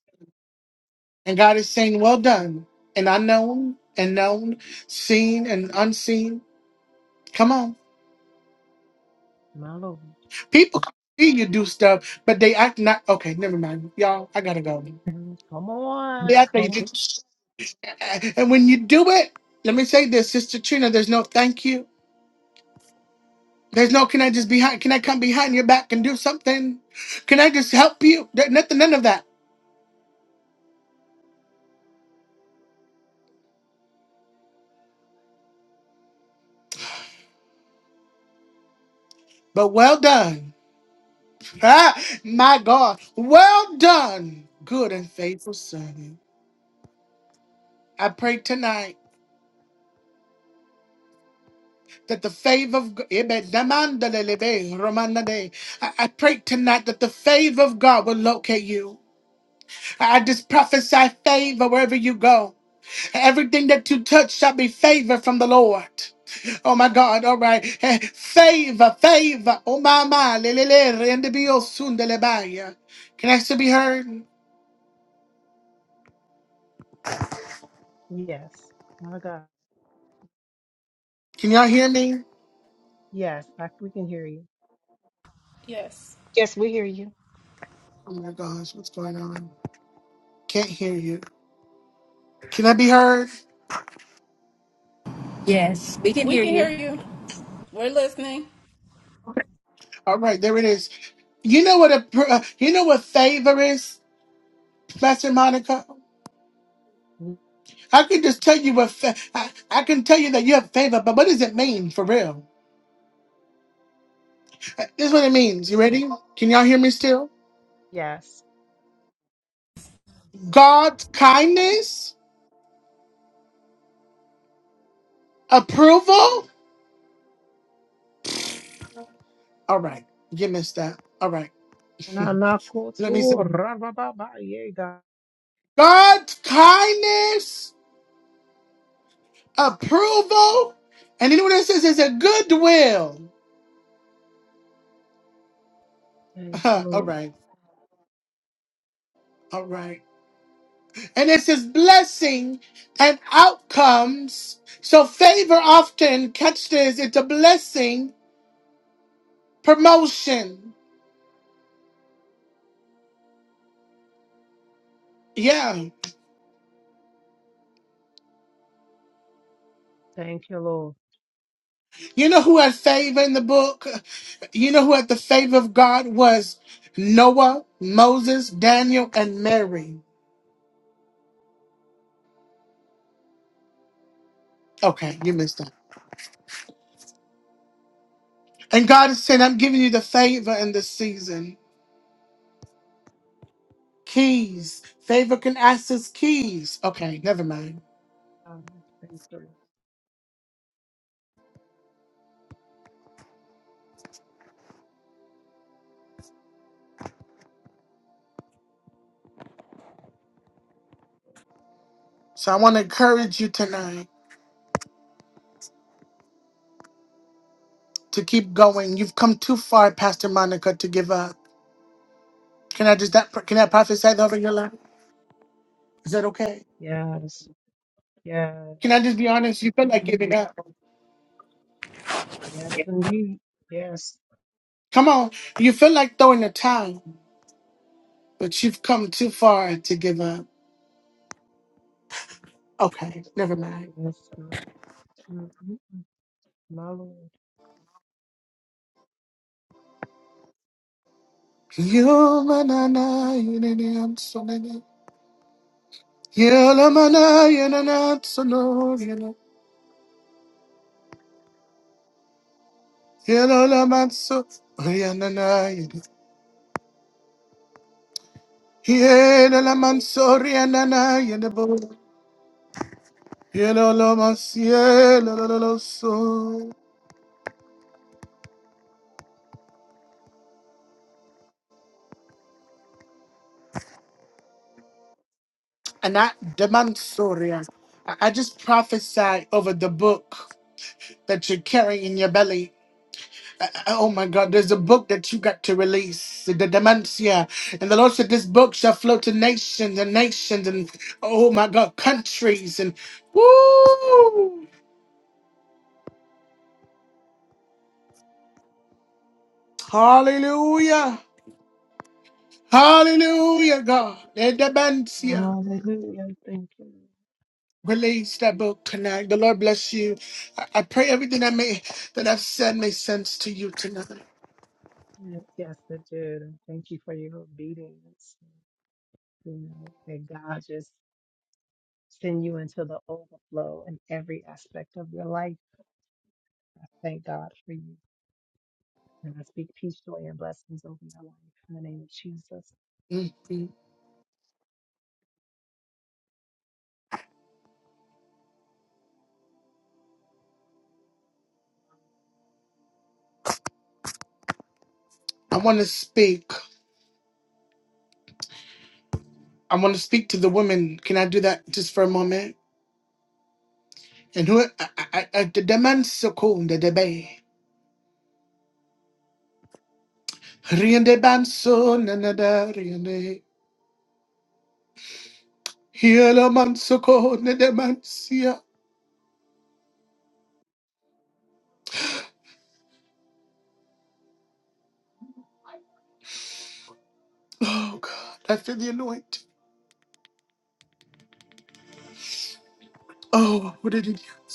And God is saying, well done, and unknown and known, seen and unseen. Come on. My Lord. People see you do stuff, but they act not. Okay, never mind, y'all. I gotta go. Mhm. Come They on. act like you Come. do- and when you do it, let me say this, Sister Trina. There's no thank you. There's no can I just behind? Can I come behind your back and do something? Can I just help you? There- nothing, none of that. But well done. Ah, my God. Well done, good and faithful servant. I pray tonight. that the favor of God, I I pray tonight that the favor of God will locate you. I just prophesy favor wherever you go. Everything that you touch shall be favor from the Lord. Oh my God, all right. Eh, Favor, favor. Oh my, my. lelele, rendebio sundelebaya. Can I still be heard? Yes. My God. Can y'all hear me? Yes. I, we can hear you. Yes. Yes, we hear you. Oh my gosh, what's going on? Can't hear you. Can I be heard? Yes, we can We hear can hear you. you. We're listening. All right, there it is. You know what a pr- uh, you know what favor is, Pastor Monica. I can just tell you what fa- I, I can tell you that you have favor, but what does it mean for real? Uh, This is what it means. You ready? Can y'all hear me still? Yes. God's kindness, approval. All right, you missed that. All right, let me see. Nanakoto rababa yeah, God. God's kindness, approval, and you know what it says? It's a goodwill. Thank you, all Lord. right, all right. and it's his blessing and outcomes. So favor often, catch this, it's a blessing, promotion. Yeah. Thank you, Lord. You know who had favor in the book? You know who had the favor of God was Noah, Moses, Daniel, and Mary. Okay, you missed that. And God is saying, I'm giving you the favor in this season. Keys. Favor can access keys. Okay, never mind. God, Thank you, Lord. So I want to encourage you tonight. to keep going. You've come too far, Pastor Monica, to give up. Can I just that can I prophesy that over your life? Is that okay? Yes, yes, Can I just be honest? You feel like giving yes, up. yes, indeed. Yes, Come on. You feel like throwing the towel, but you've come too far to give up. Okay, never mind. yes, my mm, mm, mm, my Lord. You're you need I'm so nana. you la mana, you're na na, so no, you know. you la la man, so, oh, yeah, na you know. Yeah, la la man, so, yeah, na you know. Quiero lo más, cielo, lo, lo, lo, so. And I demand sorry. I I just prophesy over the book that you're carrying in your belly. Uh, uh, Oh my God, there's a book that you got to release, the Dementia. And the Lord said, This book shall flow to nations and nations and, oh my God, countries. And woo! Hallelujah! Hallelujah, God. The Dementia. Hallelujah. Thank you. Lord. Release that book tonight. The Lord bless you. I, I pray everything that may that I've said makes sense to you tonight. Yes, yes, it did. And Thank you for your obedience. You know, that God just send you into the overflow in every aspect of your life. I thank God for you. And I speak peace, joy, and blessings over your life in the name of Jesus. Mhm. I want to speak. I want to speak to the women. Can I do that just for a moment? And who I, I, I, the demand so cool the debate. Riende banso nanada riende. Hielo mansoko nedemansia. Oh God, I feel the anointing. Oh, what did it do?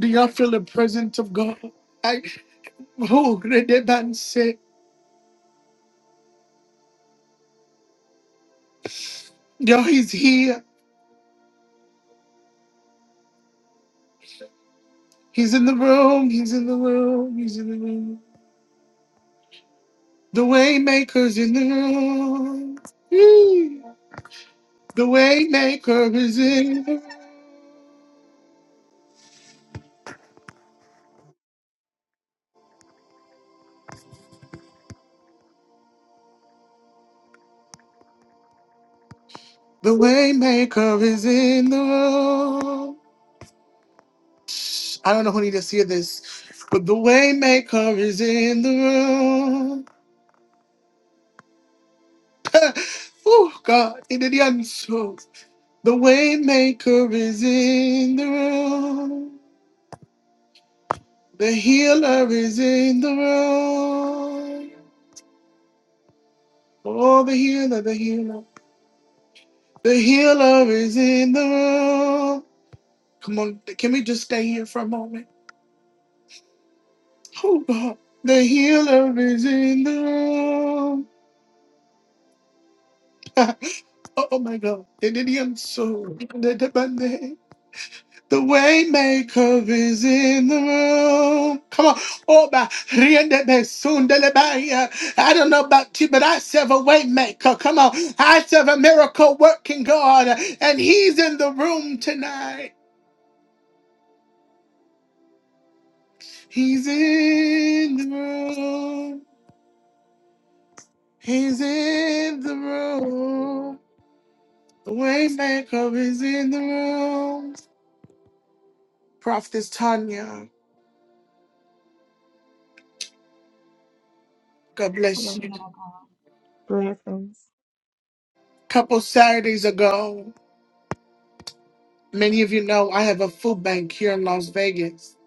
Do y'all feel the presence of God? I oh, great demands. Yo, he's here. He's in the room. He's in the room. He's in the room. The Waymaker's in the room. Woo. The Waymaker is in. The Waymaker is in the room. I don't know who need to hear this, but the Waymaker is in the room. oh God, it did the unshow. The Waymaker is in the room. The healer is in the room. Oh, the healer, the healer. The healer is in the room. Come on, can we just stay here for a moment? Oh, God. The healer is in the room. oh, my God. The Indian soul. The the- the- the waymaker is in the room. Come on. Oh, my. Riende me sunde le baya. I don't know about you, but I serve a waymaker. Come on. I serve a miracle working God, and he's in the room tonight. He's in the room. He's in the room. The Waymaker is in the room. Prophetess Tanya, God I bless love you. that. Blessings. Couple Saturdays ago, many of you know I have a food bank here in Las Vegas.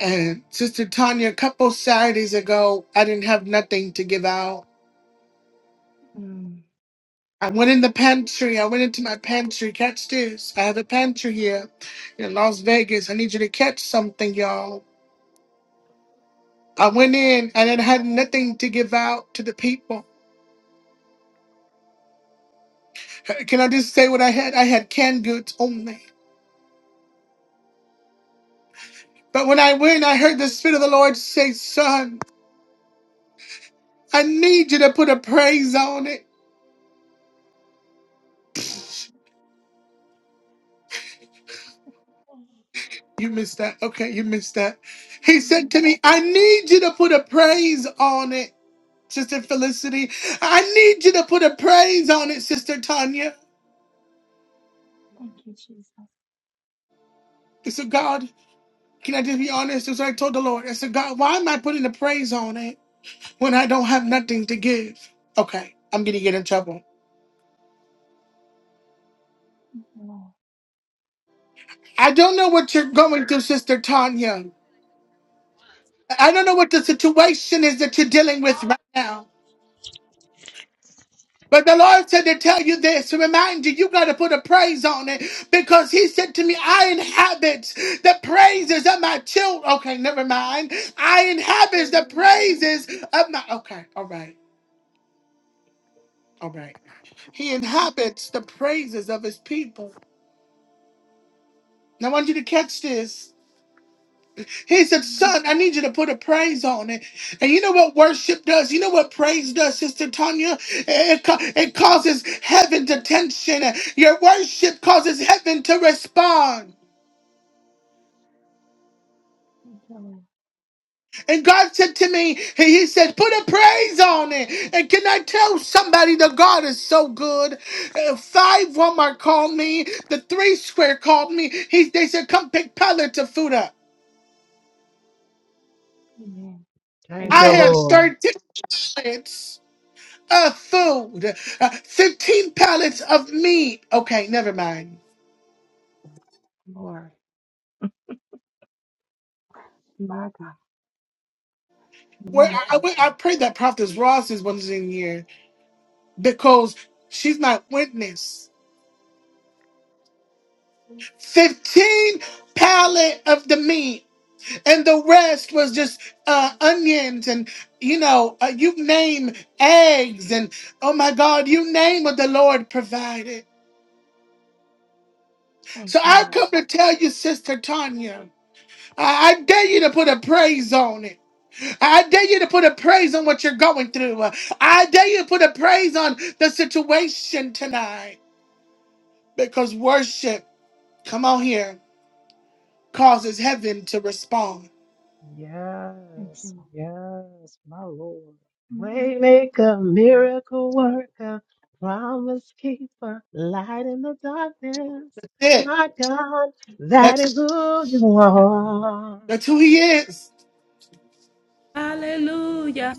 And Sister Tanya, a couple Saturdays ago, I didn't have nothing to give out. Mm. I went in the pantry. I went into my pantry. Catch this. I have a pantry here in Las Vegas. I need you to catch something, y'all. I went in and it had nothing to give out to the people. Can I just say what I had? I had canned goods only. But when I went, I heard the Spirit of the Lord say, Son, I need you to put a praise on it. You missed that. Okay, you missed that. He said to me, I need you to put a praise on it, Sister Felicity. I need you to put a praise on it, Sister Tanya. Thank you, Jesus. Thank I said, God, can I just be honest? That's what I told the Lord. I said, God, why am I putting a praise on it? when I don't have nothing to give? Okay, I'm gonna get in trouble. you, Lord. I don't know what you're going through, Sister Tanya. I don't know what the situation is that you're dealing with right now. But the Lord said to tell you this, to remind you, you got to put a praise on it because He said to me, I inhabit the praises of my children. Okay, never mind. I inhabit the praises of my. Okay, all right, all right. He inhabits the praises of His people. Now, I want you to catch this. He said, Son, I need you to put a praise on it. And you know what worship does? You know what praise does, Sister Tanya? It, ca- it causes heaven to tension. Your worship causes heaven to respond. Thank you, Lord. And God said to me, He he said, put a praise on it. And can I tell somebody that God is so good? Uh, Five Walmart called me, the three square called me. He, they said, Come pick pallets of food up. Amen. Thank I you, have Amen. Lord. 13 pallets. uh, food, uh, 15 pallets of meat. Okay, never mind. Lord. My God. Where My God. I, I, I pray that Prophetess Ross is once in here because she's my witness. 15 pallet of the meat, and the rest was just uh, onions and you know, uh, you name eggs, and oh my God, you name what the Lord provided. Thank So you, I come Lord. to tell you, Sister Tanya, I, I dare you to put a praise on it. I dare you to put a praise on what you're going through. I dare you to put a praise on the situation tonight because worship, come on here, causes heaven to respond. Thank you, Yes, Lord. yes, my Lord. Mm-hmm. Waymaker, miracle worker, promise keeper, light in the darkness. That's it. My God, that is That's, who you are. that's who he is. Hallelujah.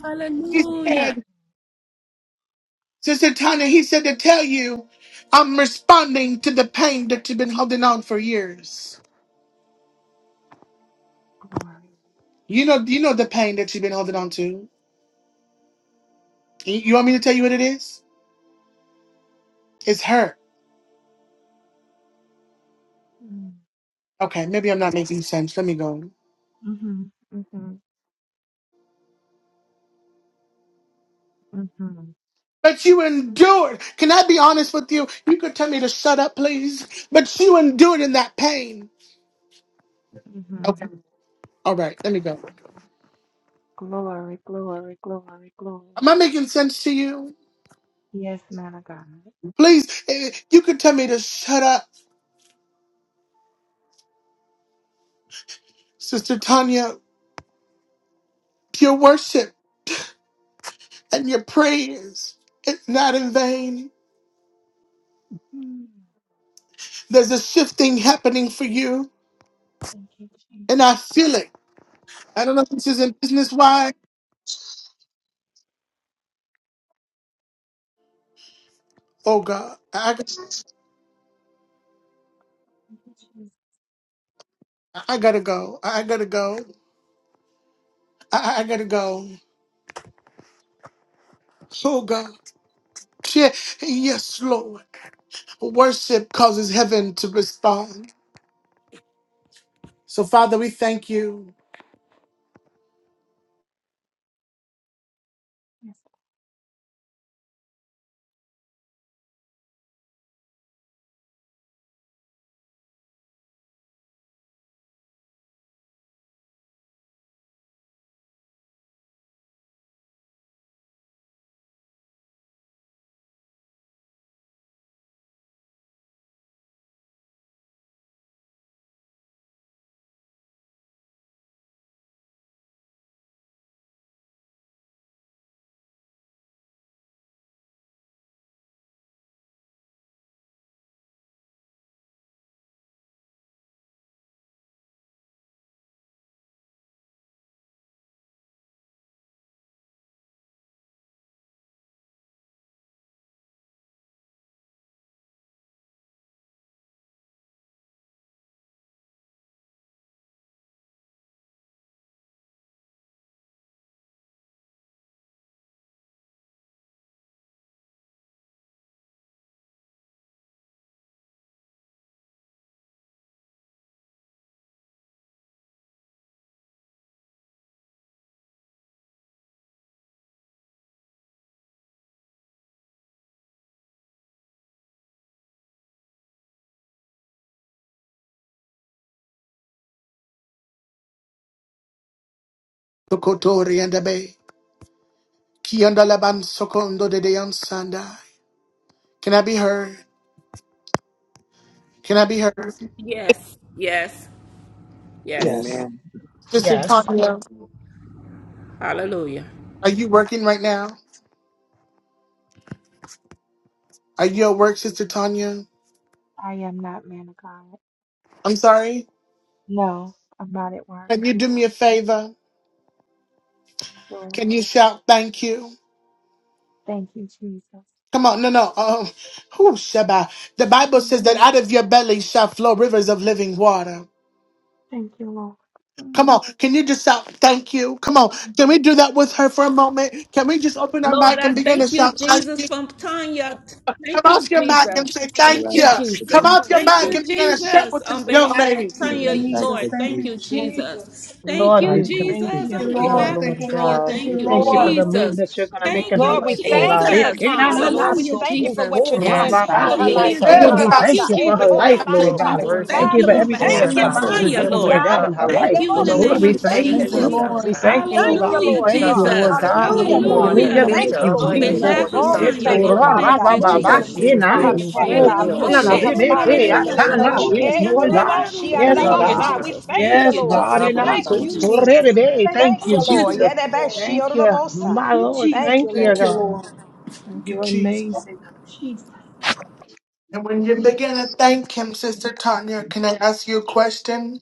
He Hallelujah. said, Sister Tanya, he said to tell you, I'm responding to the pain that you've been holding on for years. Glory. You know, you know the pain that you've been holding on to. You you want me to tell you what it is? It's hurt. Mm-hmm. Okay, maybe I'm not making sense. Let me go. Mm-hmm. Mm-hmm. But you endured. Can I be honest with you? You could tell me to shut up, please. But you endured in that pain. Mm-hmm. Okay. All right. Let me go. Glory, glory, glory, glory. Am I making sense to you? Yes, man of God. Please, eh, you could tell me to shut up, Sister Tanya. Your worship and your praise, it's not in vain. Mm. There's a shifting happening for you, Thank you, Jesus. and I feel it. I don't know if this is in business. Why? Oh God, I, Thank you, Jesus. I gotta go. I gotta go. I, I gotta go. I, I gotta go. Oh God. Yeah, yes, Lord. Worship causes heaven to respond. So, Father, we thank you. Yes, Tokotori and Abe. Kianda laban sokondo de deyan sandai. Can I be heard? Can I be heard? Yes. Yes. Yes. Yes, Amen. Sister Yes. Tanya, Hallelujah. are you working right now? Are you at work, Sister Tanya? I am not man of God. I'm sorry. No, I'm not at work. Can you do me a favor? Sure. Can you shout thank you? Thank you, Jesus. Come on, no, no. Um, whew, Shabbat. The Bible Mm, says that out of your belly shall flow rivers of living water. Thank you, Lord. Come Mm, on, can you just shout thank you? Come on, can we do that with her for a moment? Can we just open our Lord, mic I and begin to thank you, shout thank Jesus, you? from Tanya. Come Thank you, off your mic and Jesus. say Lord, Thank I thank you, you. thank the Come Jesus. peace. off your Thank mic Lord, you, and begin to shout Jesus. with On this young behalf lady. of Lord, Thank I you, Tanya, thank Jesus. Lord, the Thank thank peace. you, you, Thank you, Jesus. Jesus. thank you, Thank I Lord, you, thank we thank the you, thank Jesus. Thank you you, On for her, Lord. Lord, behalf Thank of Lord you, Tanya, Lord. God. Thank thank thank you, We you, you, thank you for Lord. Lord. I the thank move that you're Jesus. going you, to Lord. make Thank in her Lord, you, thank we life, you, oh I Thank thank you God. you, for thank Jesus. you, Lord. Tanya. I Jesus. Lord, we Hallelujah, thank you for what you're Jesus. doing Yes, for thank God. her you, Thank Bless life, Hallelujah, her, in Jesus. you, Lord, her And Lord. we life, Thank Jesus. God. you, thank you Eh, for Jesus. her hold life, on, Thank my you, Lord Lord, we side. God. Jesus. Lord. We I thank you, Thank thank worship you Father, you for you. we Thank We on you, everything thank that behalf you're you. of glorify you. about Lord. to We Jesus. I thank you, Lord. I Tanya, do, thank Oh, lift her Lord. Lord God, God. in up, her Yeah, God. they Thank life. you We in both the know see where you. Lord, name We we she's of you, thank standing thank you, Thank you, in you. Lord. need Jesus. of, We Lord. Jesus. Thank God. thank you, you, oh Thank Lord. you, God. We Hallelujah, Lord thank Touch you, her, God. Lord Jesus. God. God. Father, Hallelujah, Father, we You more are God. thank grace the Hallelujah. you. Hallelujah. and Thank lifter Thank you, mercy you, of her On in Lord. our head, Jesus. life, behalf according to Father, of we Oh, Father. we Psalm Yes, thank Tanya, 3 thank you. you, Lord and Lord. 3. Father Thank God. you, Move on, Over them- from Jesus. the Jesus, on be her corner a of our behalf, head Thank shield, to God. be the a Move corner for of her fence, God. mightily in Lift the your name of daughter our Jesus. body, up. and in our Love life, you, on her, God. We God. Jesus. thank Thank you, Yes, you, Lord. Father, God, Jesus. we Love and on thank I her, you. Thank Thank God. you, in to our you, Jesus. to- life. Jesus. today. Thank Thank you, you, Thank We you, Lord. Jesus. Yeah, thank you, they Lord. Thank you, back. thank my you, Lord. Thank Jesus. you, Thank you, Thank you, Lord. God. Lord. Thank you, You're Jesus. amazing. God. when you begin to thank him, Sister Tanya, can I ask you a question?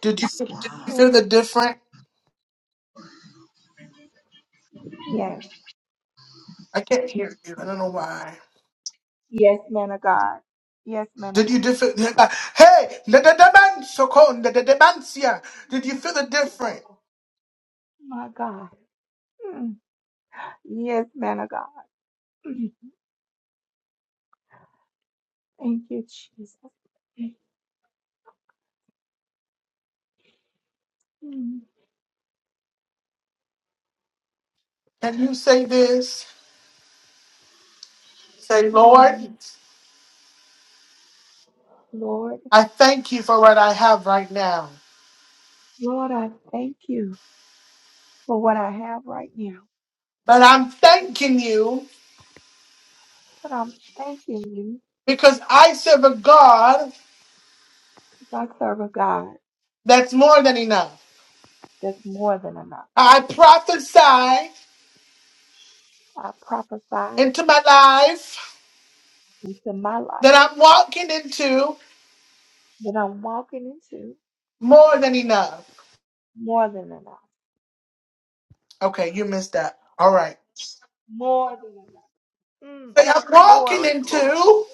Did you, did you feel Sure. the different? Yes. I can't hear you. I don't know why. Yes, man of God. Yes, man of Did you God. differ? Hey, the the the man so called the the the man, yeah. Did you feel the different? My God. Mm. Yes, man of God. Mm. Thank you, Jesus. Mm. Can you say this? Say, Mm. Lord. Lord, I thank you for what I have right now. Lord, I thank you for what I have right now. But I'm thanking you But I'm thanking you because I serve a God because I serve a God that's more than enough. that's more than enough. I prophesy I prophesy into my life into my life that I'm walking into that I'm walking into more than enough. more than enough. Okay, you missed that. All right. More than enough. Mm. Say, I'm walking Glory, glory. into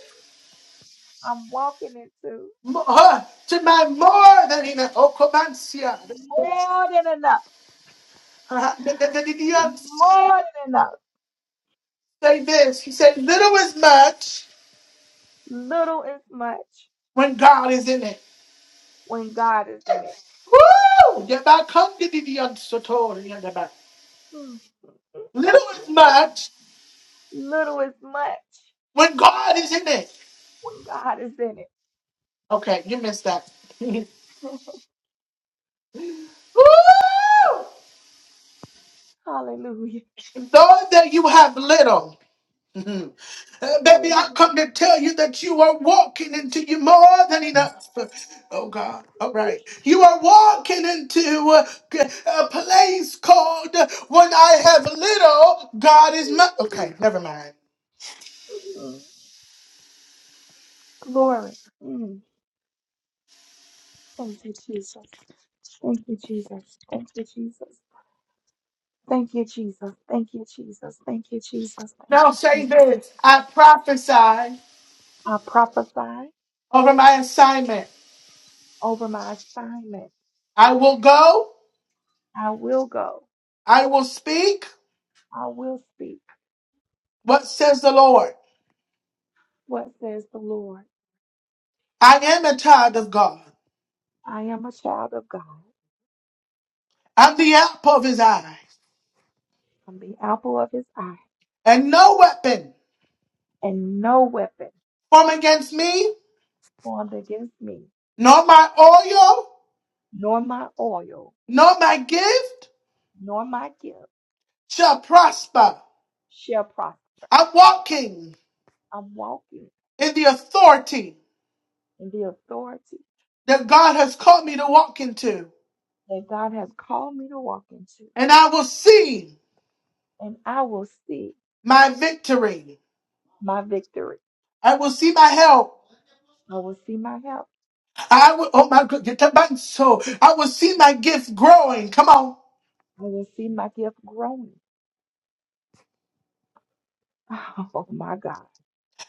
I'm walking into more, to my more than enough. Oh, come on, Sia. more than enough, more than enough. Say this. He said, little is much Little is much when God is in it. when God is in it. Woo! Yabakandididiyansotoriyanaba. Mm, mm, mm, Little mm. is much Little is much when God is in it. when God is in it. Okay, you missed that. Woo! Hallelujah. Though that you have little, mhm. Uh, baby, I Hallelujah. come to tell you that you are walking into you more than enough. Oh God! All right, you are walking into uh, g- a, place called uh, "When I Have Little, God Is Much." Okay, never mind. Mm. Glory. Mm. Thank you, Jesus. Thank you, Jesus. Thank you, Jesus. Thank you, Jesus. Thank you, Jesus. Thank you, Jesus. Thank Now you, say Jesus. this: I prophesy I prophesy over my assignment. over my assignment. I will go, I will go. I will speak I will speak what says the Lord. what says the Lord. I am a child of God. I am a child of God. I'm the apple of his eyes. I'm the apple of his eye, And no weapon and no weapon formed against me, formed against me, nor my oil, nor my oil, nor my gift nor my gift shall prosper. shall prosper. I'm walking I'm walking in the authority in the authority that God has called me to walk into. that God has called me to walk into, And I will see and I will see my victory. my victory. I will see my help. I will see my help. I will, oh my goodness, so I will see my gift growing. Come on. I will see my gift growing. Oh my God.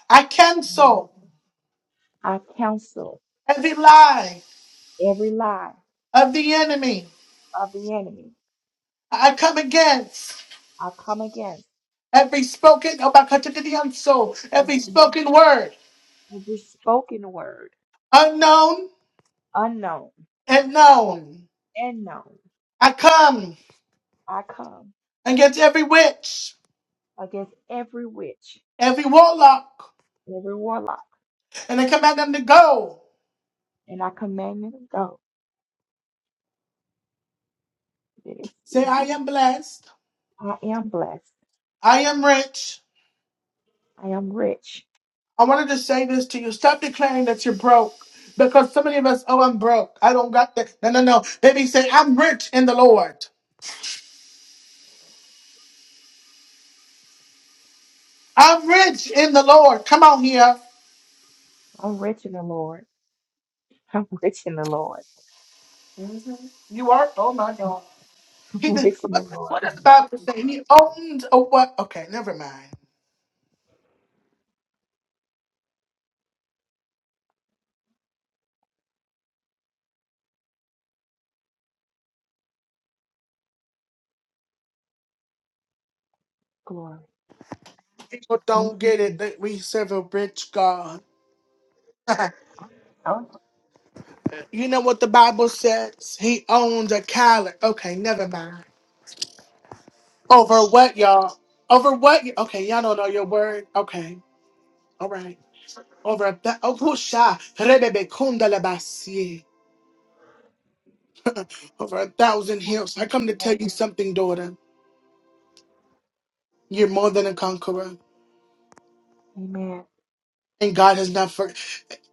I cancel I counsel every lie every lie of the enemy. of the enemy. I come against I come against. every spoken oh my God, the unsoul, every every s- spoken word, every spoken word, unknown unknown and known. and known, I come I come against every witch, against every witch, every warlock, every warlock, and I command them to go. and I command you to go. Let it Say, cease. I am blessed. I am blessed. I am rich. I am rich. I wanted to say this to you. Stop declaring that you're broke. Because so many of us, oh, I'm broke. I don't got that. No, no, no. Baby, say, I'm rich in the Lord. I'm rich in the Lord. Come on here. I'm rich in the Lord. I'm rich in the Lord. You are. I'm He did. rich in the Lord. What does Thank the you. Bible say? He owned a what? Okay, never mind. Glory. People Thank don't you, get it Jesus. that we serve a rich God. Oh, you know what the Bible says? He owns a calendar. Okay, never mind. Over what, y'all? Over what? y- Okay, y'all don't know your word. Okay, all right. Over a th- oh, whoosha, rebebe kundalabasi. over a thousand hills. I come to tell you something, daughter. You're more than a conqueror. amen. And God has not forgotten.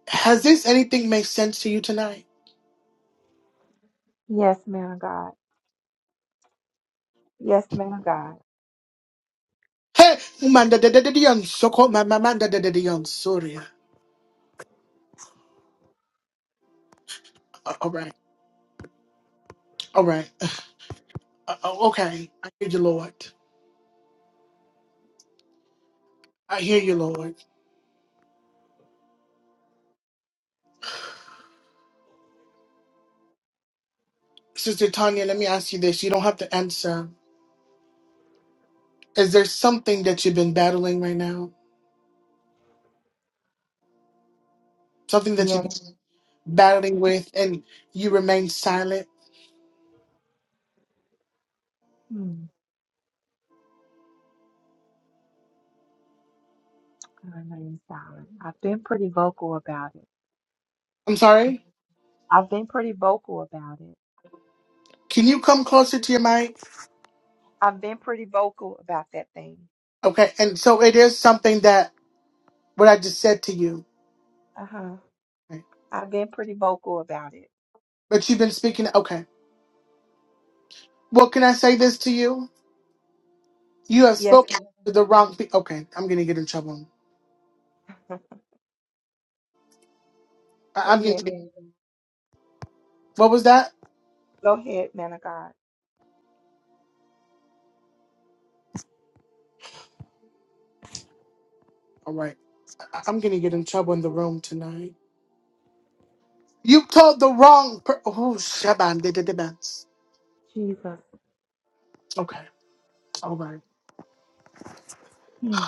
Has this anything make sense to you tonight? Yes, man of God. Yes, man of God. Hey, manda da da da da young, so called my my- manda da da da young, sorry. Uh, All right, all right, uh, uh, uh, okay. I hear you, Lord. I hear you, Lord. Sister Tanya, let me ask you this. You don't have to answer. Is there something that you've been battling right now? Something that you've Yes. been battling with, and you remain silent? Hmm. I remain silent. I've been pretty vocal about it. I'm sorry. I've been pretty vocal about it. Can you come closer to your mic? I've been pretty vocal about that thing. Okay, and so it is something that what I just said to you, Uh huh. okay. I've been pretty vocal about it. but you've been speaking. Okay. Well, can I say this to you? You have Yes. spoken to the wrong people. Okay, I'm gonna get in trouble. ma'am. Go I- I'm gonna. ahead, Get- man. what was that? Go ahead, man of God. All right, I- I'm gonna get in trouble in the room tonight. You told the wrong. Per- oh, Shaban did the debats. Jesus. Okay, all right. Mm.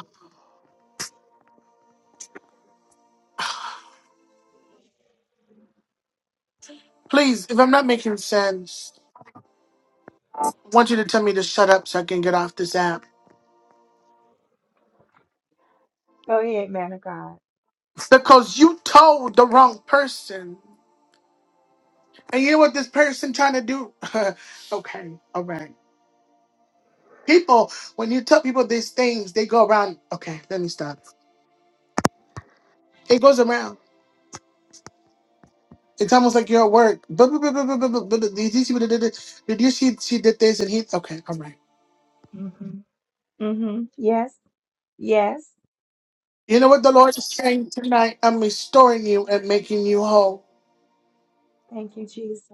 Please, if I'm not making sense, I want you to tell me to shut up so I can get off this app Go ahead, man of God. because you told the wrong person. And you know what this person trying to do? okay, all right. People, when you tell people these things, they go around. Okay, let me stop. It goes around. It's almost like you're at work. But, but, but, but, but, but, but but, did you see what it did? Did you see she did this and he? Okay, all right. Mhm. Mm-hmm. Yes. Yes. You know what the Lord is saying tonight? I'm restoring you and making you whole. Thank you, Jesus.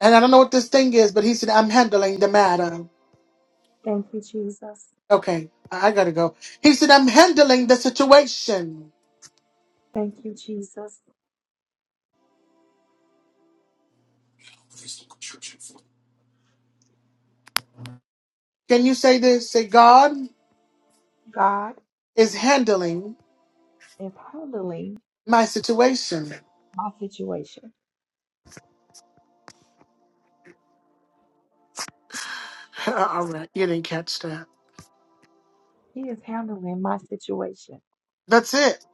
And I don't know what this thing is, but he said, I'm handling the matter. Thank you, Jesus. Okay, I I gotta go. He said, I'm handling the situation. Thank you, Jesus. crystal construction Can you say this? Say, God God is handling is handling my situation. my situation. all right, you didn't catch that. He is handling my situation. That's it.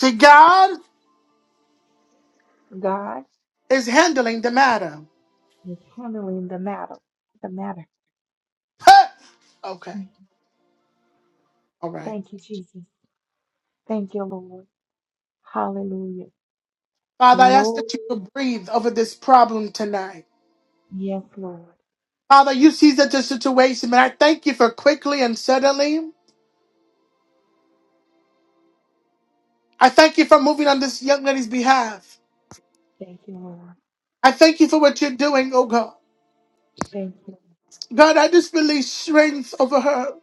See, God God is handling the matter. is handling the matter. The matter. okay, all right. Thank you, Jesus. Thank you, Lord. Hallelujah. Father, I ask Glory. that you will breathe over this problem tonight. Yes, Lord. Father, you see that the situation, and I thank you for quickly and suddenly. I thank you for moving on this young lady's behalf. Thank you, Lord. I thank you for what you're doing, oh God. Thank you. God, I just release strength over her.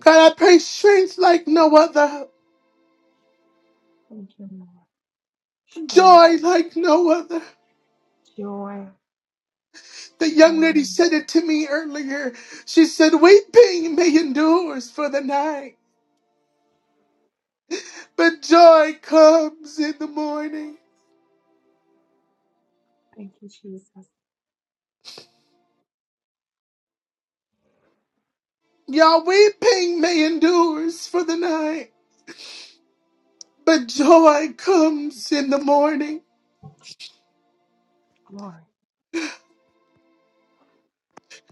God, I pray strength like no other, Thank you, Lord. Strength, joy like no other. joy, The young lady home. said it to me earlier. She said, Weeping may endure for the night, but joy comes in the morning. Thank you, Jesus. Y'all weeping may endures for the night, but joy comes in the morning. Glory.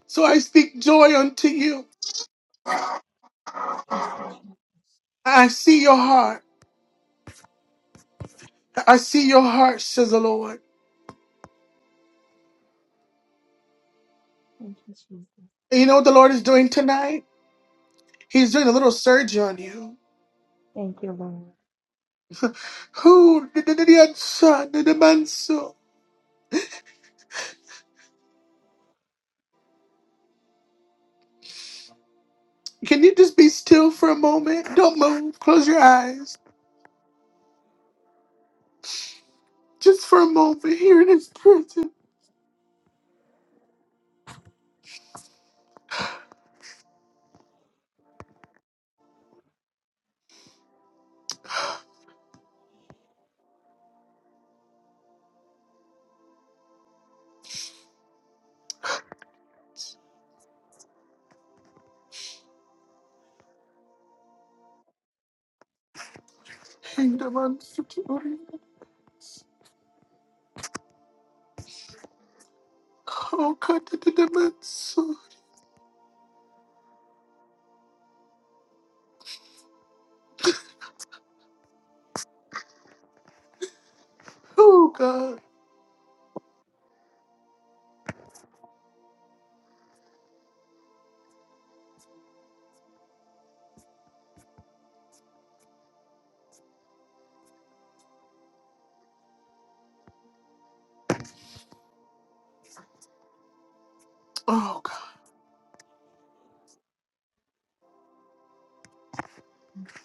So I speak joy unto you. Thank you, Jesus. I see your heart. I see your heart, says the Lord. Thank you, Jesus. And you know what the Lord is doing tonight? He's doing a little surgery on you. Thank you, Lord. Who did the the- son did the man so? Can you just be still for a moment? Don't move. Close your eyes. Just for a moment here in his presence. Kingdom unto you. Oh God, did the man so? Oh God. Oh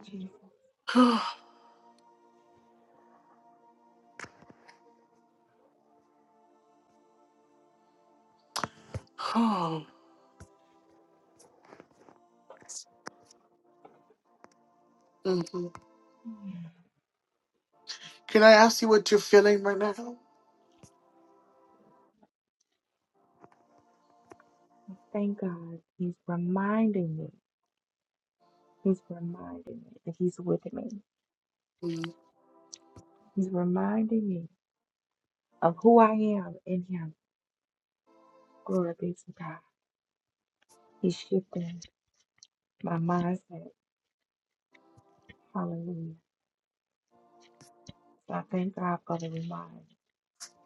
Jesus. God. Oh. Mhm. Can I ask you what you're feeling right now? I Thank God. He's reminding me. He's reminding me that He's with me. Mhm. He's reminding me of who I am in Him. Glory be to God. He's shifting my mindset. Hallelujah. So I thank God for the reminder.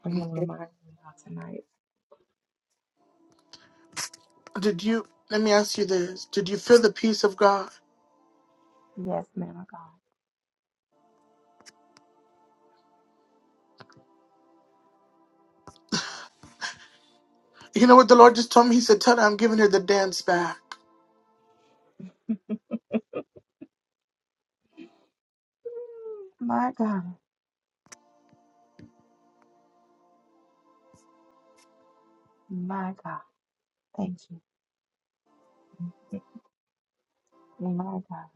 for him reminding me of tonight. Did you? Let me ask you this: Did you feel the peace of God? Yes, man of God. You know what the Lord just told me. He said, "Tell her I'm giving her the dance back." My God. My God. Thank you. My God.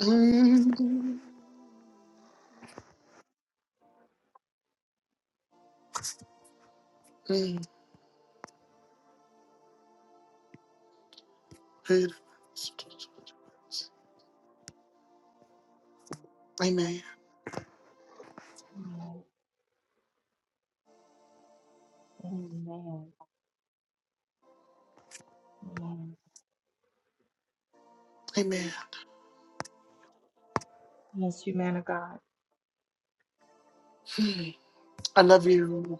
Mhm. Mhm. Amen. Yes. Amen. Amen. Amen. Yes, you man of God. I love you.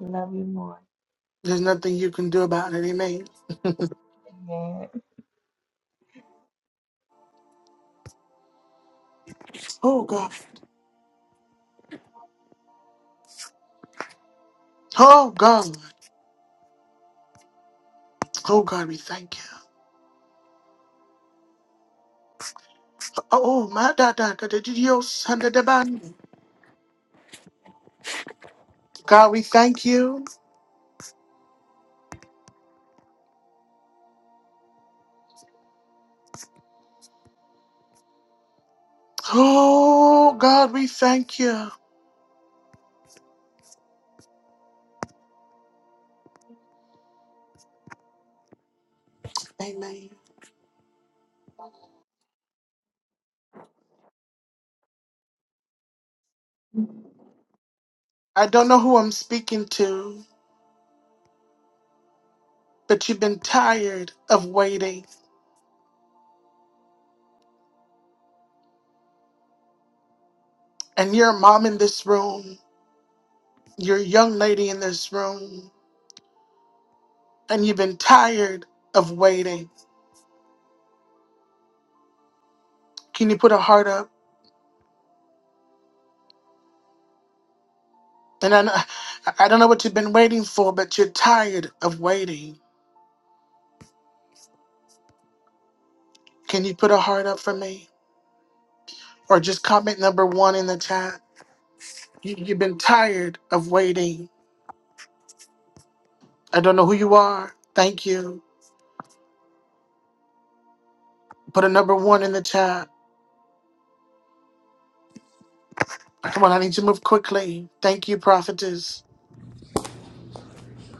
Love you more. There's nothing you can do about it. Amen. Amen. Oh God. Oh God. Oh God, we thank you. Oh my da da da da da- yo, son of the bun. God, we thank you. Oh, God, we thank you. Amen. I don't know who I'm speaking to, but you've been tired of waiting. And you're a mom in this room, you're a young lady in this room, and you've been tired of waiting. Can you put a heart up? And I, kn- I don't know what you've been waiting for, but you're tired of waiting. Can you put a heart up for me? Or just comment number one in the chat. You, you've been tired of waiting. I don't know who you are. Thank you. Put a number one in the chat. Come on, I need to move quickly. Thank you, prophetess.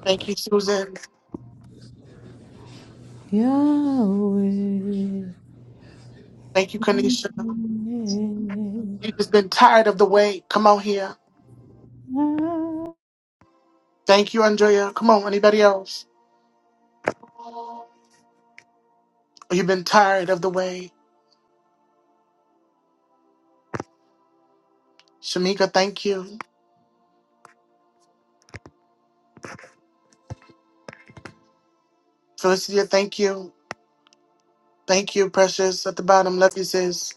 Thank you, Susan. Yahweh. Thank you, Kanisha. You just been tired of the wait. Come on here. Amen. Thank you, Andrea. Come on, anybody else? You've been tired of the wait. Shamika, thank you. Felicia, thank you. Thank you, precious. At the bottom, love you, sis.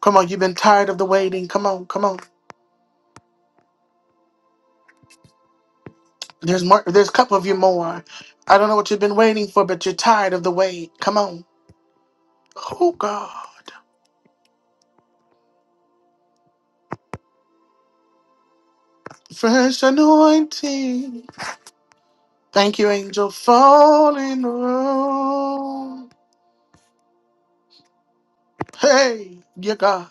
Come on, you've been tired of the waiting. Come on, come on. There's more. There's a couple of you more. I don't know what you've been waiting for, but you're tired of the wait. Come on. Oh God. Fresh anointing. Thank you, angel, falling room. Hey, you God.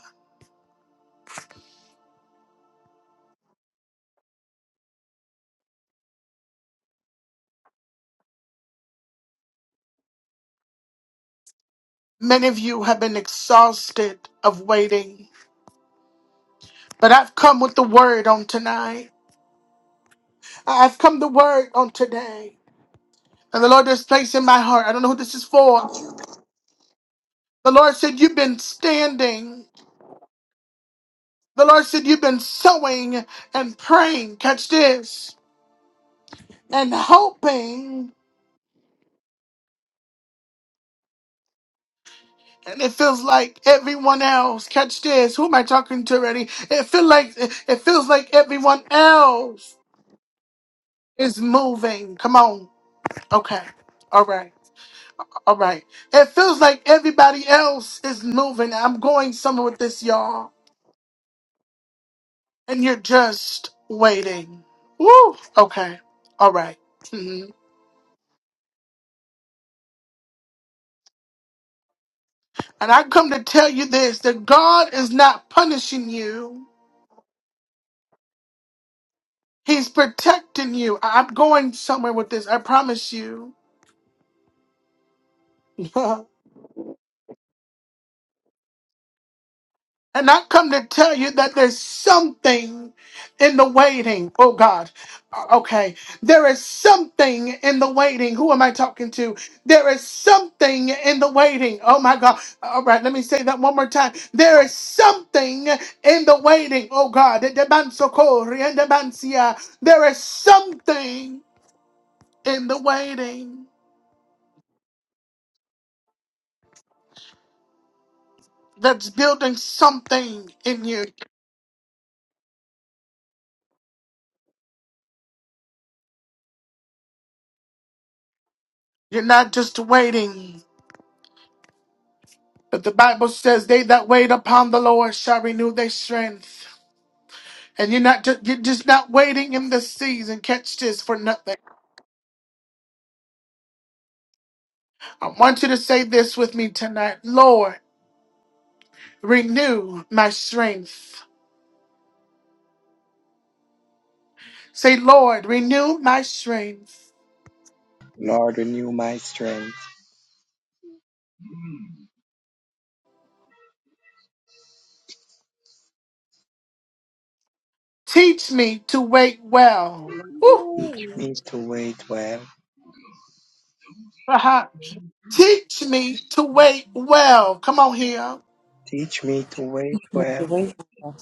Many of you have been exhausted of waiting, but I've come with the word on tonight. I've come the word on today. And the Lord is placing in my heart. I don't know who this is for. The Lord said, You've been standing. The Lord said, You've been sowing and praying. Catch this. And hoping. And it feels like everyone else. Catch this. Who am I talking to already? It feel like it feels like everyone else is moving. Come on. Okay. All right. All right. It feels like everybody else is moving. I'm going somewhere with this, y'all. And you're just waiting. Woo. Okay. All right. Mhm. And I come to tell you this that God is not punishing you. He's protecting you. I- I'm going somewhere with this. I promise you. And I come to tell you that there's something in the waiting. Oh God. Uh, Okay. There is something in the waiting. Who am I talking to? There is something in the waiting. Oh my God. All right. Let me say that one more time. There is something in the waiting. Oh God. There is something in the waiting that's building something in you. You're not just waiting. But the Bible says, "They that wait upon the Lord shall renew their strength." And you're not just, you're just not waiting in the season. Catch this for nothing. I want you to say this with me tonight, Lord, renew my strength. Say, Lord, renew my strength. Lord, Lord, renew my strength. Teach me to wait well. Woo! Teach me to wait well. Aha. Teach me to wait well. Come on here. Teach me to wait Make well. the way for,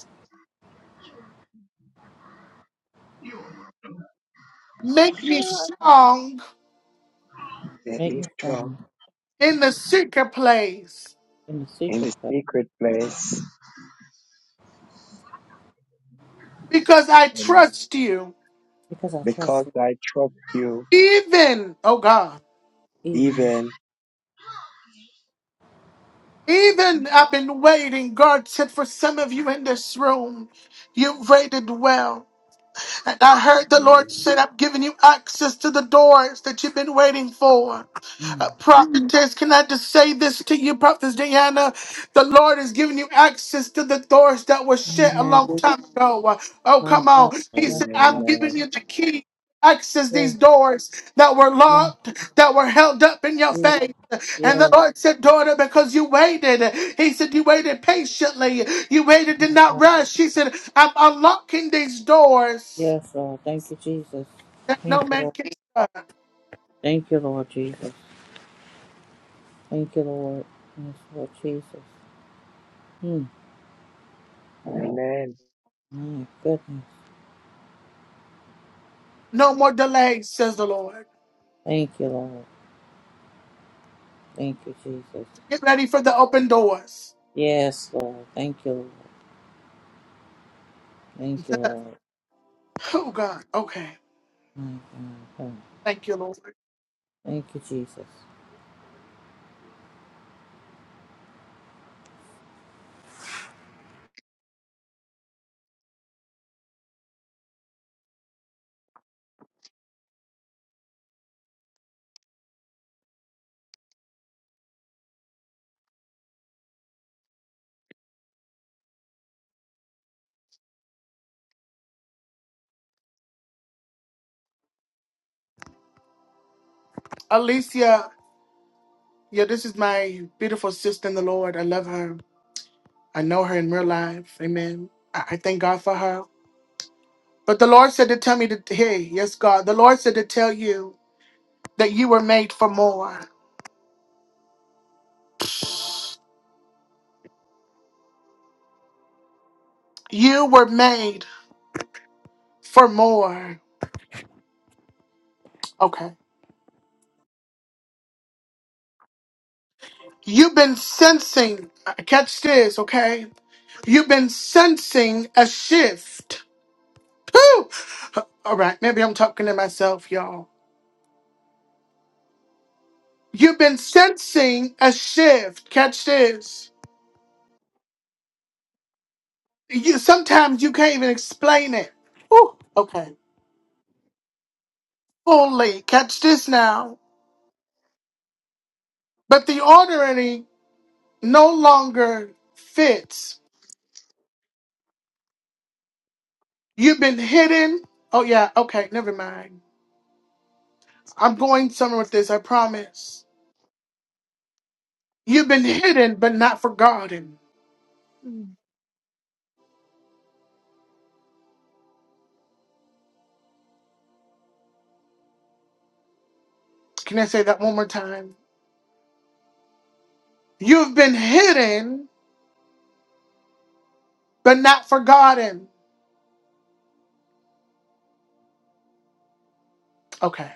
Make me strong Let make me me dwell strong in the secret place in the in secret the place secret place. because I Amen. trust you. because I trust Because you. I trust you, Even, oh God, Even even. even I've been waiting. God said, for some of you in this room, you've waited well. And I heard the Lord said, I've given you access to the doors that you've been waiting for. mm. Uh, prophetess, can I just say this to you, prophetess Diana? The Lord has given you access to the doors that were shut a long Amen. time ago. Uh, Oh, My come God, on. He yes, said, I'm giving Amen. you the key. Access these Lord. doors that were yes, locked, that were held up in your yes, faith. And the yes, Lord said, Daughter, because you waited. He said, You waited patiently. You waited, did yes, not God. rush. He said, I'm unlocking these doors yes, Lord. Thank you, Jesus. that no Thank you, man Lord. can shut. Thank you, Lord Jesus. Thank you, Lord. Yes, Lord Jesus. Mm. Amen. Amen. My goodness. No more delays, says the Lord. Thank you, Lord. Thank you, Jesus. Get ready for the open doors. Yes, Lord. Thank you, Lord. Thank you, Lord. Oh God. Okay. My God. Thank you, Lord. Thank you, Jesus. Alicia, yeah, this is my beautiful sister in the Lord. I love her. I know her in real life. Amen. I, I thank God for her. But the Lord said to tell me to hey, yes, God. The Lord said to tell you that you were made for more. You were made for more. Okay. You've been sensing, uh, catch this, okay? You've been sensing a shift. Whew. All right, maybe I'm talking to myself, y'all. You've been sensing a shift. Catch this. You sometimes you can't even explain it. Ooh, okay. Fully catch this now. But the ordinary no longer fits. You've been hidden. Oh yeah, okay, never mind. I'm going somewhere with this, I promise. You've been hidden but not forgotten. Mm. Can I say that one more time? You've been hidden but not forgotten. Okay.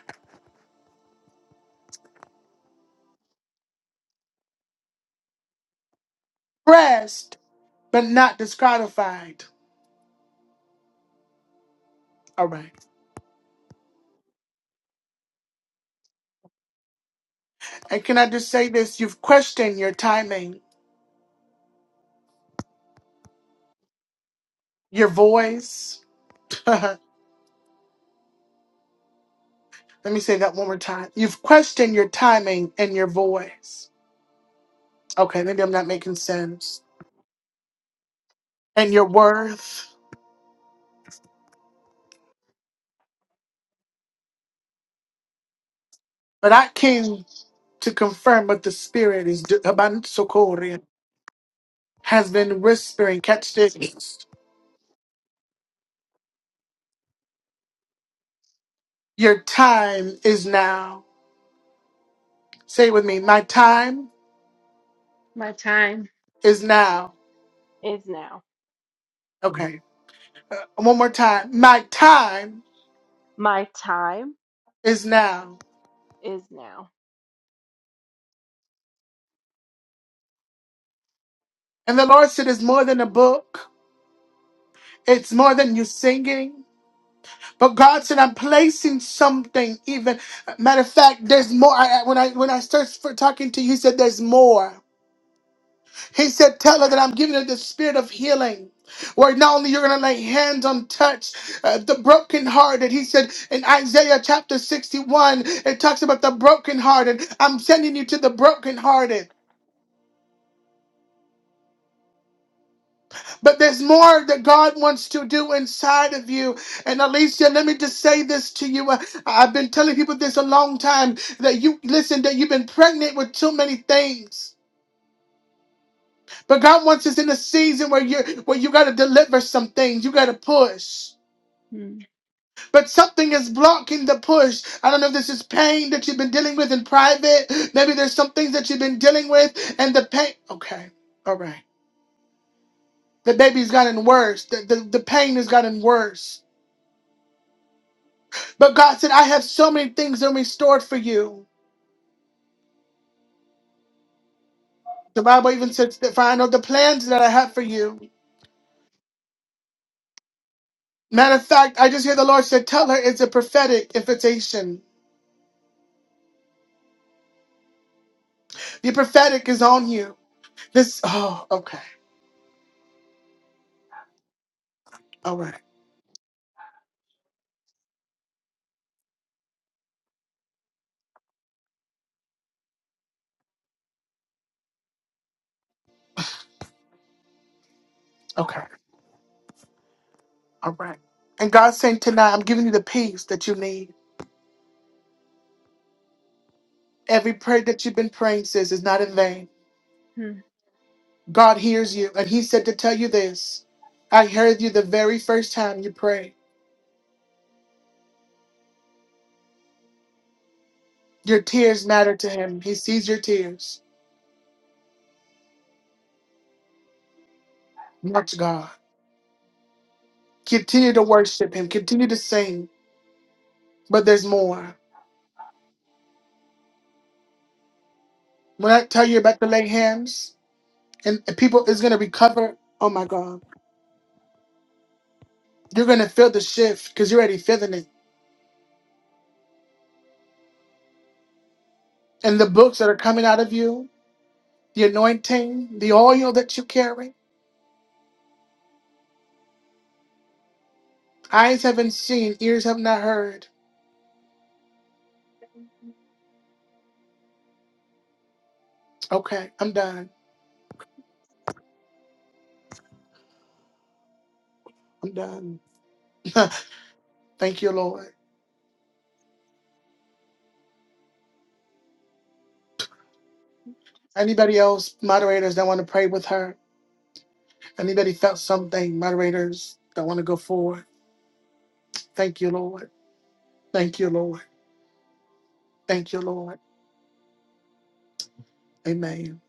Pressed but not disqualified. All right. And can I just say this? You've questioned your timing, your voice. Let me say that one more time. You've questioned your timing and your voice. Okay, maybe I'm not making sense. And your worth. But I came to confirm what the Spirit is do- Abansokori, has been whispering. Catch this. Your time is now. Say it with me. My time My time. is now. is now. Okay. Uh, one more time. My time My time is now. is now. And the Lord said, It's more than a book, it's more than you singing. But God said, I'm placing something even. Matter of fact, there's more. I, I- when I when I started for talking to you, he said, There's more. He said, Tell her that I'm giving her the spirit of healing. Where not only you're gonna lay hands on touch uh, the brokenhearted, he said in Isaiah chapter 61, it talks about the brokenhearted. I'm sending you to the brokenhearted. But there's more that God wants to do inside of you. And Alicia, let me just say this to you. Uh, I've been telling people this a long time that you listen, that you've been pregnant with too many things. But God wants us in a season where you where you gotta deliver some things, you gotta push. Mm. But something is blocking the push. I don't know if this is pain that you've been dealing with in private. Maybe there's some things that you've been dealing with and the pain. Okay, all right. The baby's gotten worse. The, the, the pain has gotten worse. But God said, I have so many things in restored for you. The Bible even says that for I know the plans that I have for you. Matter of fact, I just hear the Lord said, Tell her it's a prophetic invitation. The prophetic is on you. This oh, okay. All right. Okay. All right. And God's saying tonight, I'm giving you the peace that you need. Every prayer that you've been praying, sis, is not in vain. Mm. God hears you. And He said to tell you this. I heard you the very first time you prayed. Your tears matter to him. He sees your tears. Watch God. Continue to worship him. Continue to sing. But there's more. When I tell you about the lay hands and and people is gonna recover, oh my God. You're gonna feel the shift because you're already feeling it. And the books that are coming out of you, the anointing, the oil that you carry. Eyes haven't seen, ears have not heard. Okay, I'm done. I'm done. Thank you, Lord. Anybody else, moderators that want to pray with her? Anybody felt something, moderators that want to go forward? Thank you, Lord. Thank you, Lord. Thank you, Lord. Amen.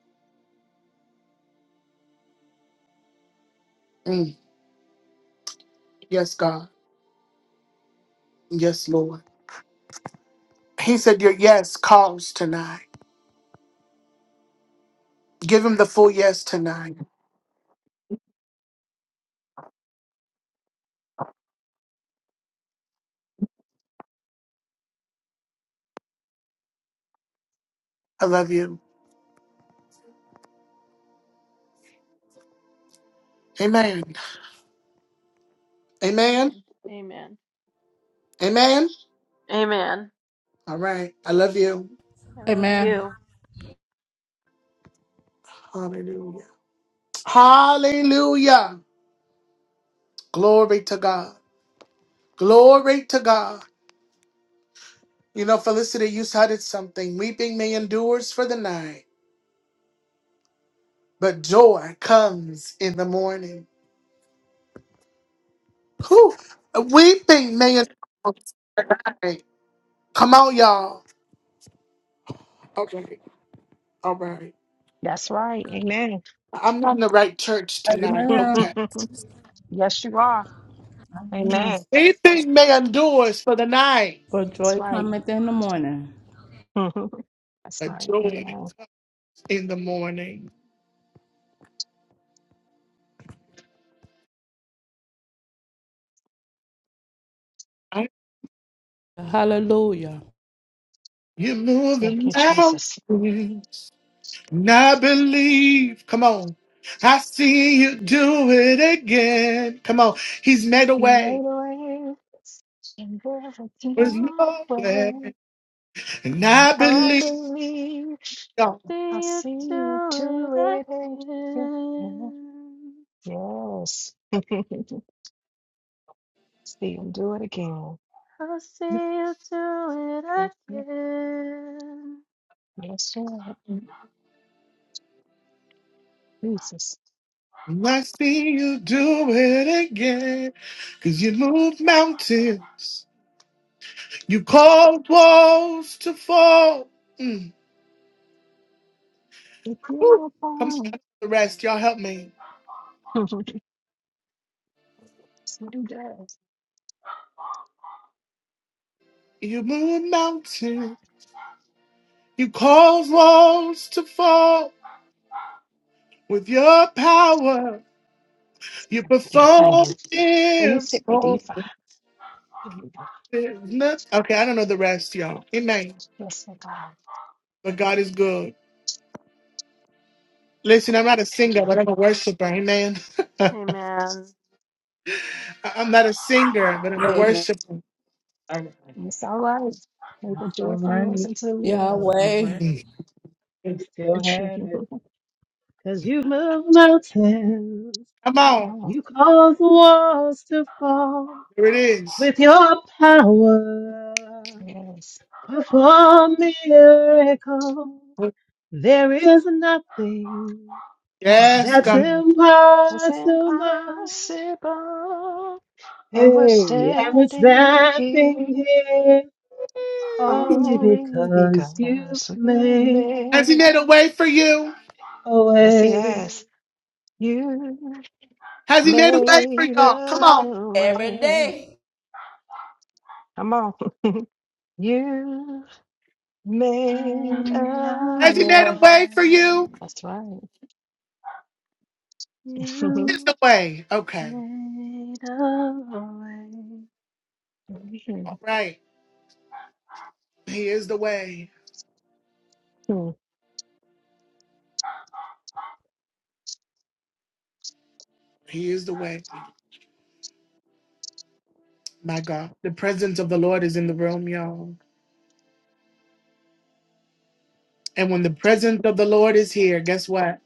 Mm. Yes, God. Yes, Lord. He said, Your yes calls tonight. Give him the full yes tonight. I love you. Amen. Amen. Amen. Amen. Amen. Amen. All right. I love you. I love Amen. you. Hallelujah. Hallelujah. Glory to God. Glory to God. You know, Felicity, you cited something. Weeping may endures for the night, but joy comes in the morning. Whew. Weeping may endure. for the night, Come on, y'all. Okay. All right. That's right. Amen. I'm not in the right church tonight. Amen. Okay. yes, you are. Amen. Amen. Anything may endure is for the night, For That's joy right. cometh in the morning. That's but right. joy Amen. is in the morning. I- Hallelujah. You're Thank moving you, Jesus. mountains, and I believe. Come on. I see you do it again. Come on. He's made a You made a way. way and there was There's no no way. way. And And I I, believe, y'all. I See see you your do it touch. again. Yes. See you, Lord. I'll see you do it again. Yes. I see you do it again. Cause you move mountains. You called walls to fall. Mm. If Woo. you're Come on, I born, need the rest. Y'all help me. that's what he does. You moved mountains. You caused walls to fall with your power. You Get an perform onion. And you sit right there. You miracles. fine. There's noth- Okay, I don't know the rest, y'all. Amen. Yes, my God. But God is good. Listen, Okay. I'm not a Thank singer, you. but I'm a worshiper. Amen. I- Amen. I'm not a singer, but I'm a Amen. worshiper. All right. It's all right. Make a That's all joyful noise right. unto the Lord. That's all Yahweh. right. You Mm. still had it. Cause you move mountains. Come on. Oh, You cause walls to fall Here it is. with your power. yes. Perform miracles. There is nothing Yes, that's God. Mhm. It's impossible. impossible. And we're Hey, and it's standing standing here here only only because you because You you made Has he made, made made a way for you? a yes, way. yes, you Has he made a way for made y'all? Come on. a Every way. day. Come on. You made a a Has he made a way. way for you? way. That's right. He is You the way. Okay. made a way. All right. He is the way. Mhm. He is the way. My God. The presence of the Lord is in the room, y'all. And when the presence of the Lord is here, guess what?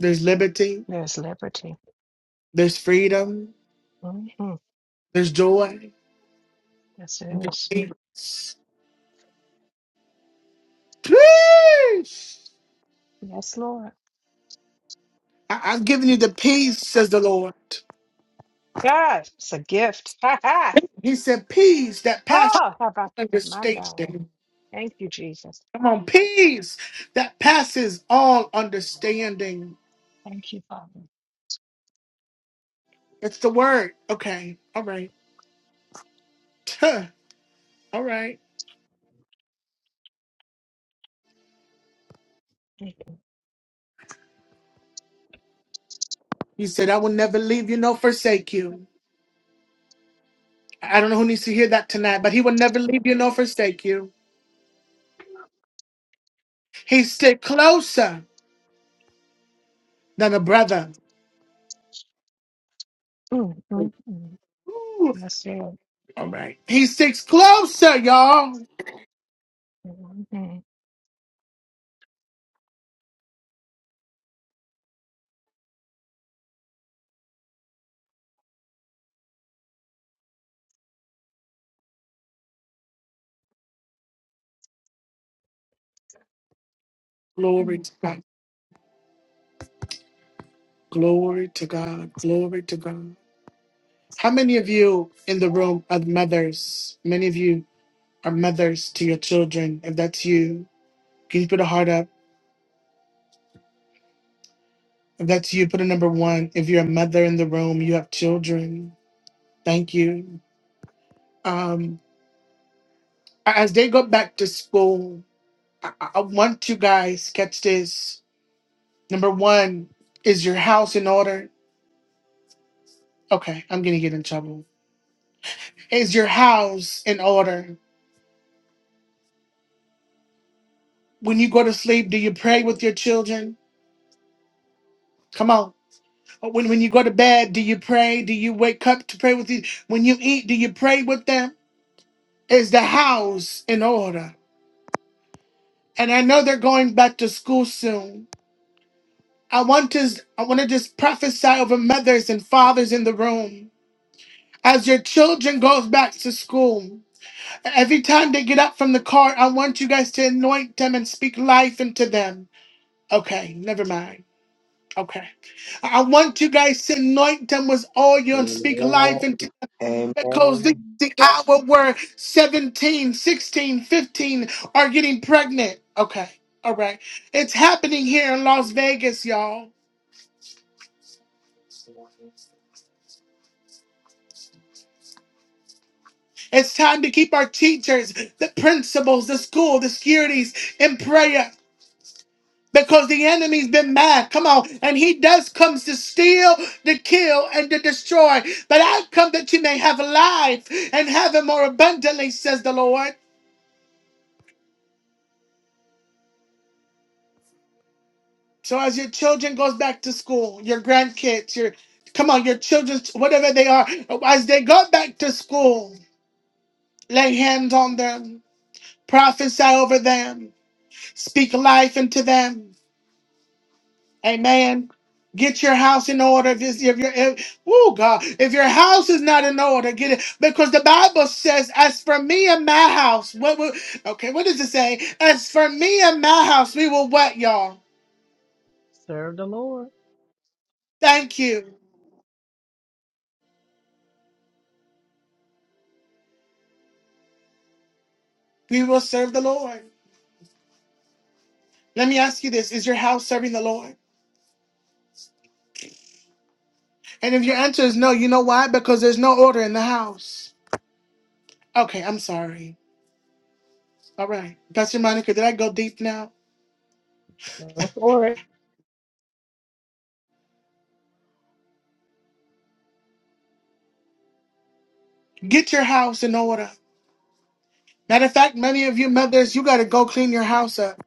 There's liberty, There's liberty. there's freedom, hmm there's joy, Yes, it there's is. peace. Peace! Yes, Lord. I- I've given you the peace, says the Lord. God, it's a gift. Ha ha. He said, Peace that passes. Oh, how about my God? understanding. Thank you, Jesus. Come on, peace that passes all understanding. Thank you, Father. That's the word. Okay. All right. Huh. All right. Thank He said, I will never leave you nor forsake you. I don't know who needs to hear that tonight, but he will never leave you nor forsake you. He stick closer than a brother. you. Mm, mm, mm. Ooh. That's it. All right. He sticks closer, y'all. Mhm. Glory Mm. to God. Glory to God. Glory to God. How many of you in the room are mothers? Many of you or mothers to your children. If that's you, can you put a heart up? If that's you, put a number one. If you're a mother in the room, you have children. Thank you. Um, as they go back to school, I, I I want you guys catch this. Number one, is your house in order? Okay, I'm gonna get in trouble. Is your house in order? When you go to sleep, do you pray with your children? Come on. When when you go to bed, do you pray? Do you wake up to pray with you? When you eat, do you pray with them? is the house in order. And I know they're going back to school soon. I want to I want to just prophesy over mothers and fathers in the room. As your children goes back to school, every time they get up from the car, I want you guys to anoint them and speak life into them. Okay, never mind. Okay. I I want you guys to anoint them with oil and Amen. speak life into. Amen. Because the, the hour where 17, 16, 15 are getting pregnant. Okay. All right. It's happening here in Las Vegas, y'all. It's time to keep our teachers, the principals, the school, the securities in prayer. Because the enemy's been mad. Come on. And he does comes to steal, to kill, and to destroy. But I come that you may have life and have it more abundantly, says the Lord. So as your children goes back to school, your grandkids, your come on, your children, whatever they are, as they go back to school, lay hands on them, prophesy over them, speak life into them. Amen. Get your house in order. If, it's- if your if, oh God, if your house is not in order, get it because the Bible says, "As for me and my house, what will?" Okay, what does it say? As for me and my house, we will what y'all? Serve the Lord. Thank you. We will serve the Lord. Let me ask you this Is your house serving the Lord? And if your answer is no, you know why? Because there's no order in the house. Okay, I'm sorry. All right. Pastor Monica, did I go deep now? Go for it. Get your house in order. Matter of fact, many of you mothers, you got to go clean your house up.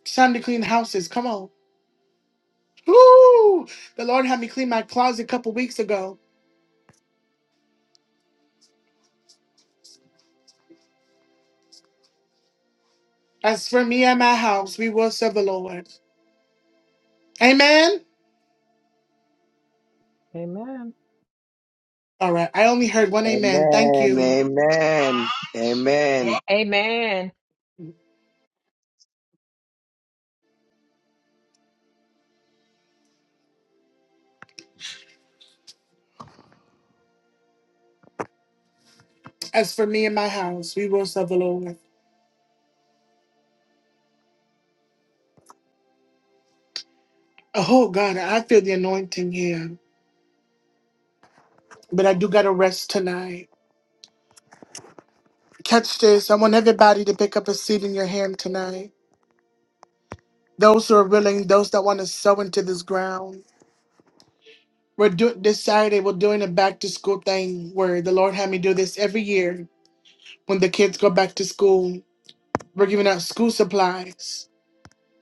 It's time to clean houses. Come on. Woo! The Lord had me clean my closet a couple weeks ago. As for me and my house, we will serve the Lord. Amen. Amen. All right. I only heard one amen. Thank Amen. you. Amen. Amen. Amen. As for me and my house, we will serve the Lord. Oh God, I feel the anointing here, but I do gotta rest tonight. Catch this. I want everybody to pick up a seed in your hand tonight. Those who are willing, those that want to sow into this ground. We're doing this Saturday. We're doing a back to school thing where the Lord had me do this every year when the kids go back to school. We're giving out school supplies,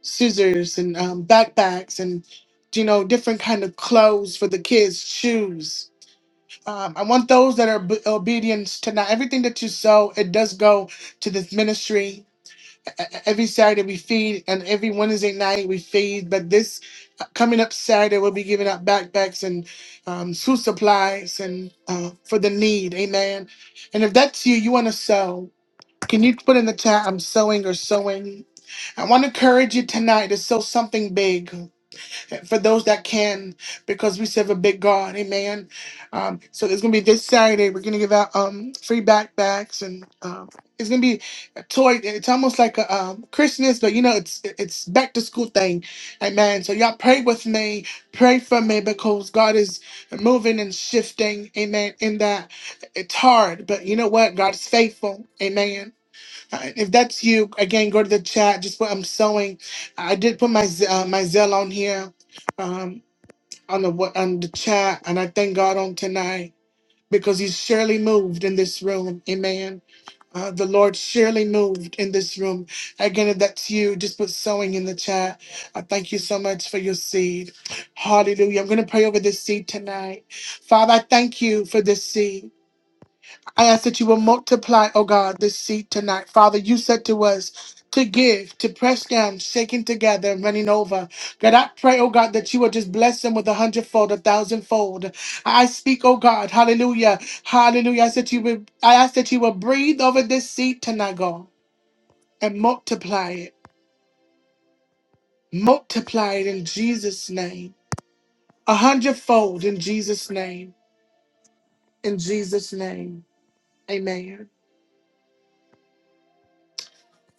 scissors, and um, backpacks, and you know different kind of clothes for the kids, shoes Um, I want those that are b- obedient to now everything that you sow. It does go to this ministry. E- e- e-, Every Saturday we feed, and every Wednesday night we feed. But this uh, coming up Saturday, we'll be giving out backpacks and um, school supplies and uh, for the need. Amen. And if that's you, you want to sow. Can you put in the chat? I'm sowing or sowing. I want to encourage you tonight to sow something big for those that can, because we serve a big God. Amen. Um, so it's gonna be this Saturday. We're gonna give out um, free backpacks, and um, it's gonna be a toy. It's almost like a um, Christmas, but you know, it's it's back to school thing. Amen. So y'all pray with me, pray for me, because God is moving and shifting. Amen. In that it's hard, but you know what? God is faithful. Amen. Uh, If that's you, again, go to the chat. Just put I'm sewing. I did put my Z- uh, my Zelle on here, um, on the wa- on the chat, and I thank God on tonight because He surely moved in this room. Amen. Uh, the Lord surely moved in this room. Again, if that's you, just put sowing in the chat. I thank you so much for your seed. Hallelujah. I'm going to pray over this seed tonight. Father, I thank you for this seed. I ask that you will multiply, oh God, this seed tonight. Father, you said to us to give, to press down, shaking together, and running over. God, I pray, oh God, that you will just bless them with a hundredfold, a thousandfold. I speak, oh God, hallelujah, hallelujah. I said you will, I ask that you will breathe over this seed tonight, God, and multiply it. Multiply it in Jesus' name. A hundredfold in Jesus' name. In Jesus' name. Amen.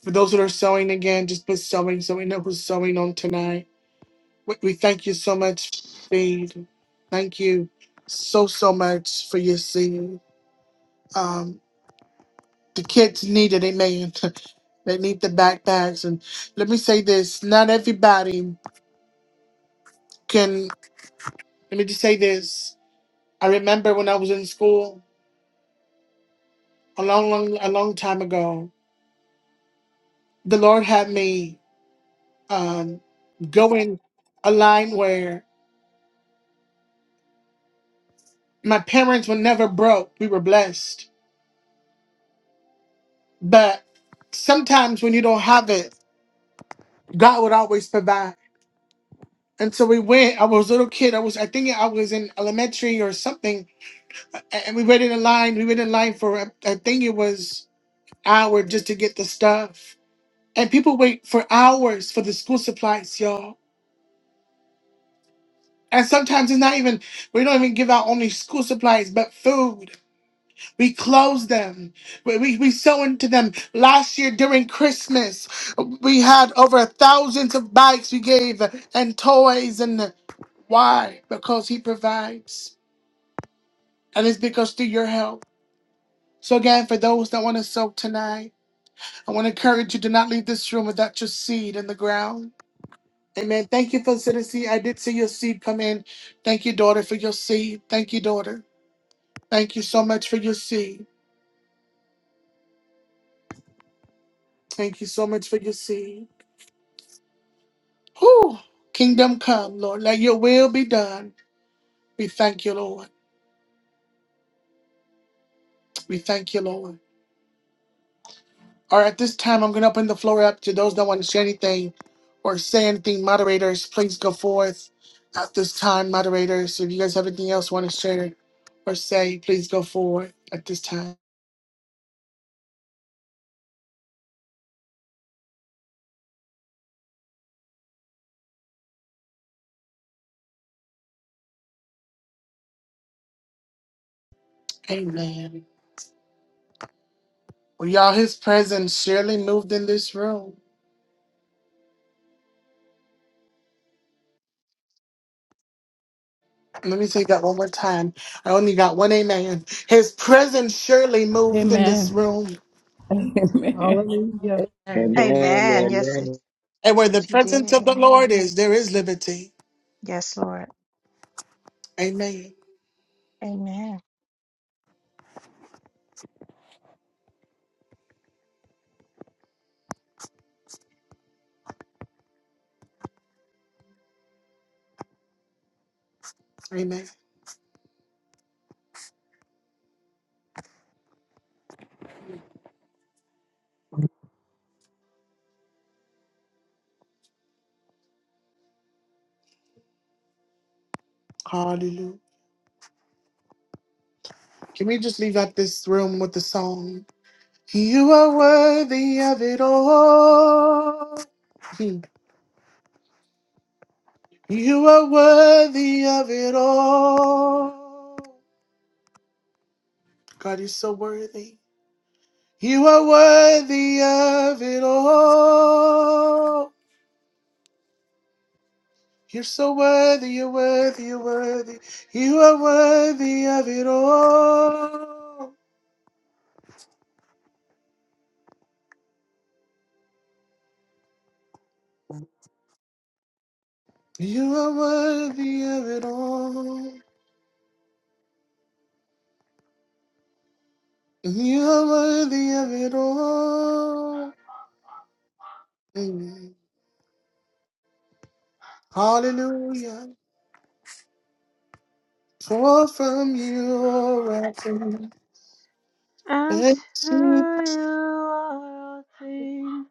For those that are sewing again, just put sewing so we know who's sewing on tonight. We, we thank you so much, Fade. Thank you so, so much for your seed. Um, the kids need it, amen. they need the backpacks. And let me say this not everybody can, let me just say this. I remember when I was in school a long, long, a long time ago, the Lord had me um, go in a line where my parents were never broke. We were blessed But sometimes when you don't have it, God would always provide. And so we went. I was a little kid. I was, I think I was in elementary or something. a- And we waited in line. We waited in line for, I I think it was hour just to get the stuff. And people wait for hours for the school supplies, y'all. And sometimes it's not even, we don't even give out only school supplies, but food. We close them. We, we, we sow into them. Last year during Christmas, we had over thousands of bikes we gave and toys. And why? Because He provides. And it's because through your help. So, again, for those that want to sow tonight, I want to encourage you to not leave this room without your seed in the ground. Amen. Thank you for the I did see your seed come in. Thank you, daughter, for your seed. Thank you, daughter. Thank you so much for your seed. Thank you so much for your seed. Whew. Kingdom come, Lord. Let your will be done. We thank you, Lord. We thank you, Lord. All right, at this time, I'm going to open the floor up to those that want to share anything or say anything. Moderators, please go forth. At this time, moderators, if you guys have anything else you want to share or say, please go forward at this time. Amen. Well, y'all, his presence surely moved in this room. Let me say that one more time. I only got one amen. His presence surely moved in this Amen. room. Amen. Hallelujah. Amen. Amen. Amen. Yes, Amen. it. And where Yes, the He presence did. of the Amen. Lord is, there is liberty. Yes, Lord. Amen. Amen. Amen. Hallelujah. Can we just leave out this room with the song? You are worthy of it all. Hmm. You are worthy of it all. God is so worthy. You are worthy of it all. You're so worthy, you're worthy, you're worthy. You are worthy of it all. You are worthy of it all. You are worthy of it all. Mm. Hallelujah. Pour from your rising. And to And you to are all things.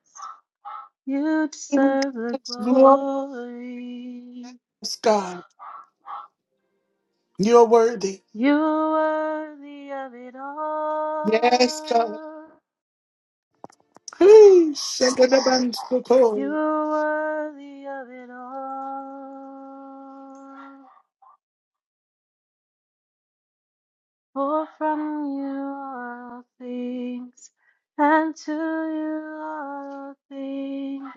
You deserve the God's glorious glory. God. You're worthy. You are worthy of it Yes, God. all. Hey, shake it up and soak You it. are worthy of it all. For from you are all things, and to you are all things.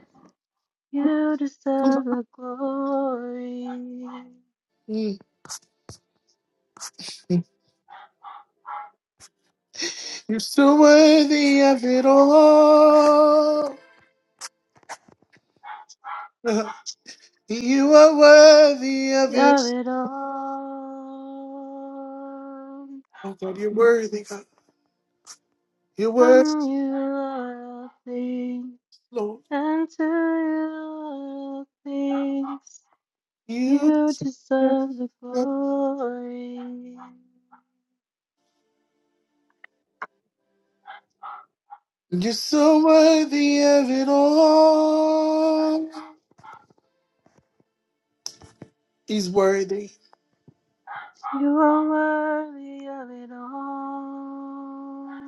You deserve the glory. Mm. You're so worthy of it all. You are worthy of it. Yavidam, Oh God, you're worthy, God. You're worthy, from you are all things, Lord. and to you are all things. You, You deserve the glory. you're so worthy of it all. He's worthy. You are worthy of it all.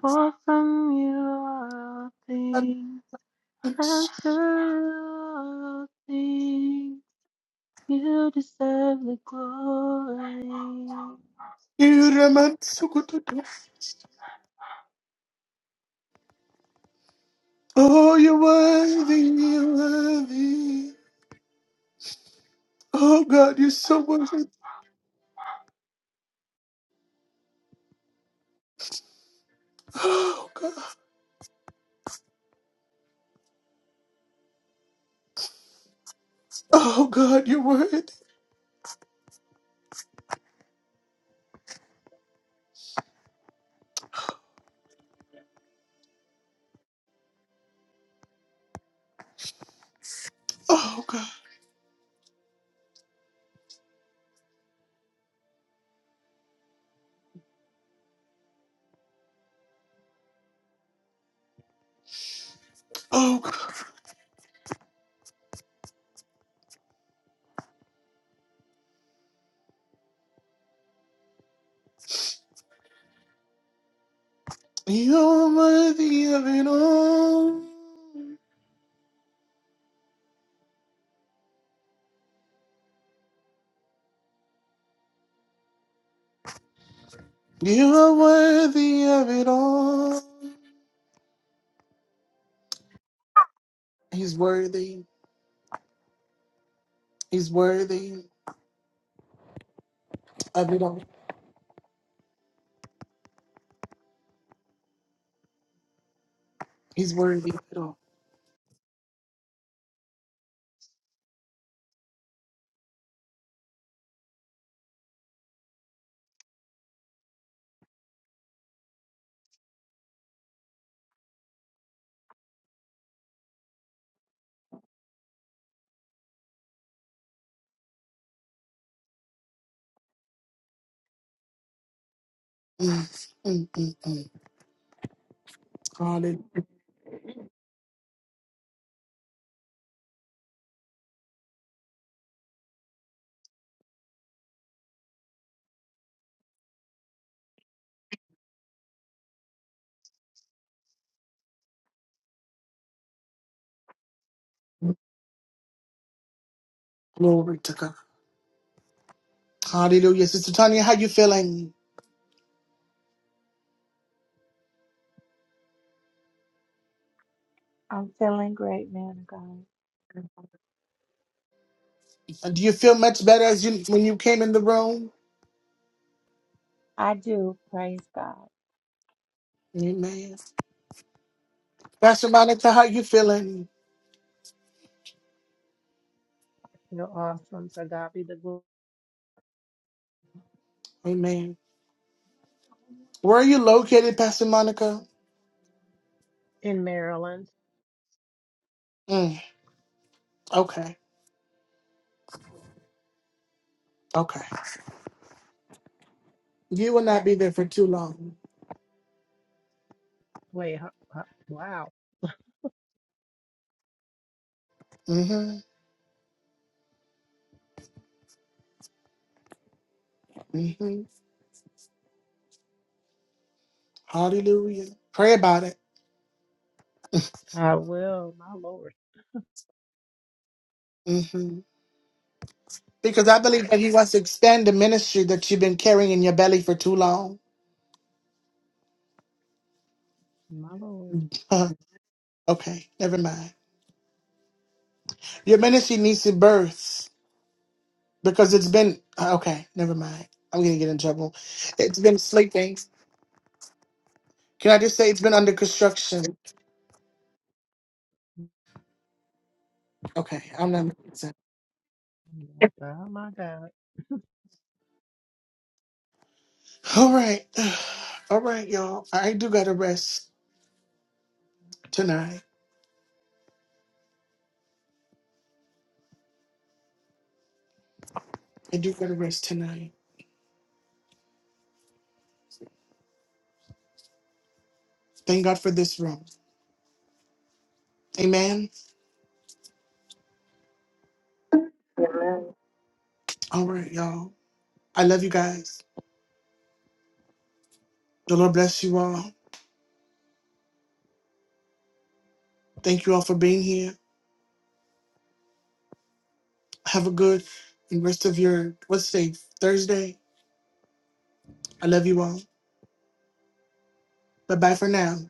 For from you are all things, and to you are all things. You deserve the glory. Oh, you're worthy, you're worthy. Oh, God, you're so worthy. Oh, God. Oh, God, you're worthy. Oh, God. Oh, God. You're worthy of it all. You're worthy of it all. He's worthy. He's worthy of it all. He's worthy of it all. Mm, mm, mm, mm. Hallelujah. Glory to God. Hallelujah. Sister Tanya, how you feeling? I'm feeling great, man of God. Do you feel much better as you when you came in the room? I do. Praise God. Amen. Pastor Monica, how you feeling? You're awesome. To God be the glory. Amen. Where are you located, Pastor Monica? In Maryland. Mm, okay. Okay. You will not be there for too long. Wait, ho- ho- wow. Mm-hmm. Mm-hmm. Hallelujah. Pray about it. I will. My Lord. Mm-hmm. Because I believe that he wants to extend the ministry that you've been carrying in your belly for too long. My Lord. okay, never mind. Your ministry needs to birth because it's been uh, okay, never mind. I'm gonna get in trouble. It's been sleeping. Can I just say it's been under construction? Okay, I'm not making sense. Oh My God, my God. All right. All right, y'all. I do gotta rest tonight. I do gotta rest tonight. Thank God for this room. Amen. All right, y'all. I love you guys. The Lord bless you all. Thank you all for being here. Have a good and rest of your what's today? Thursday. I love you all. Bye bye for now.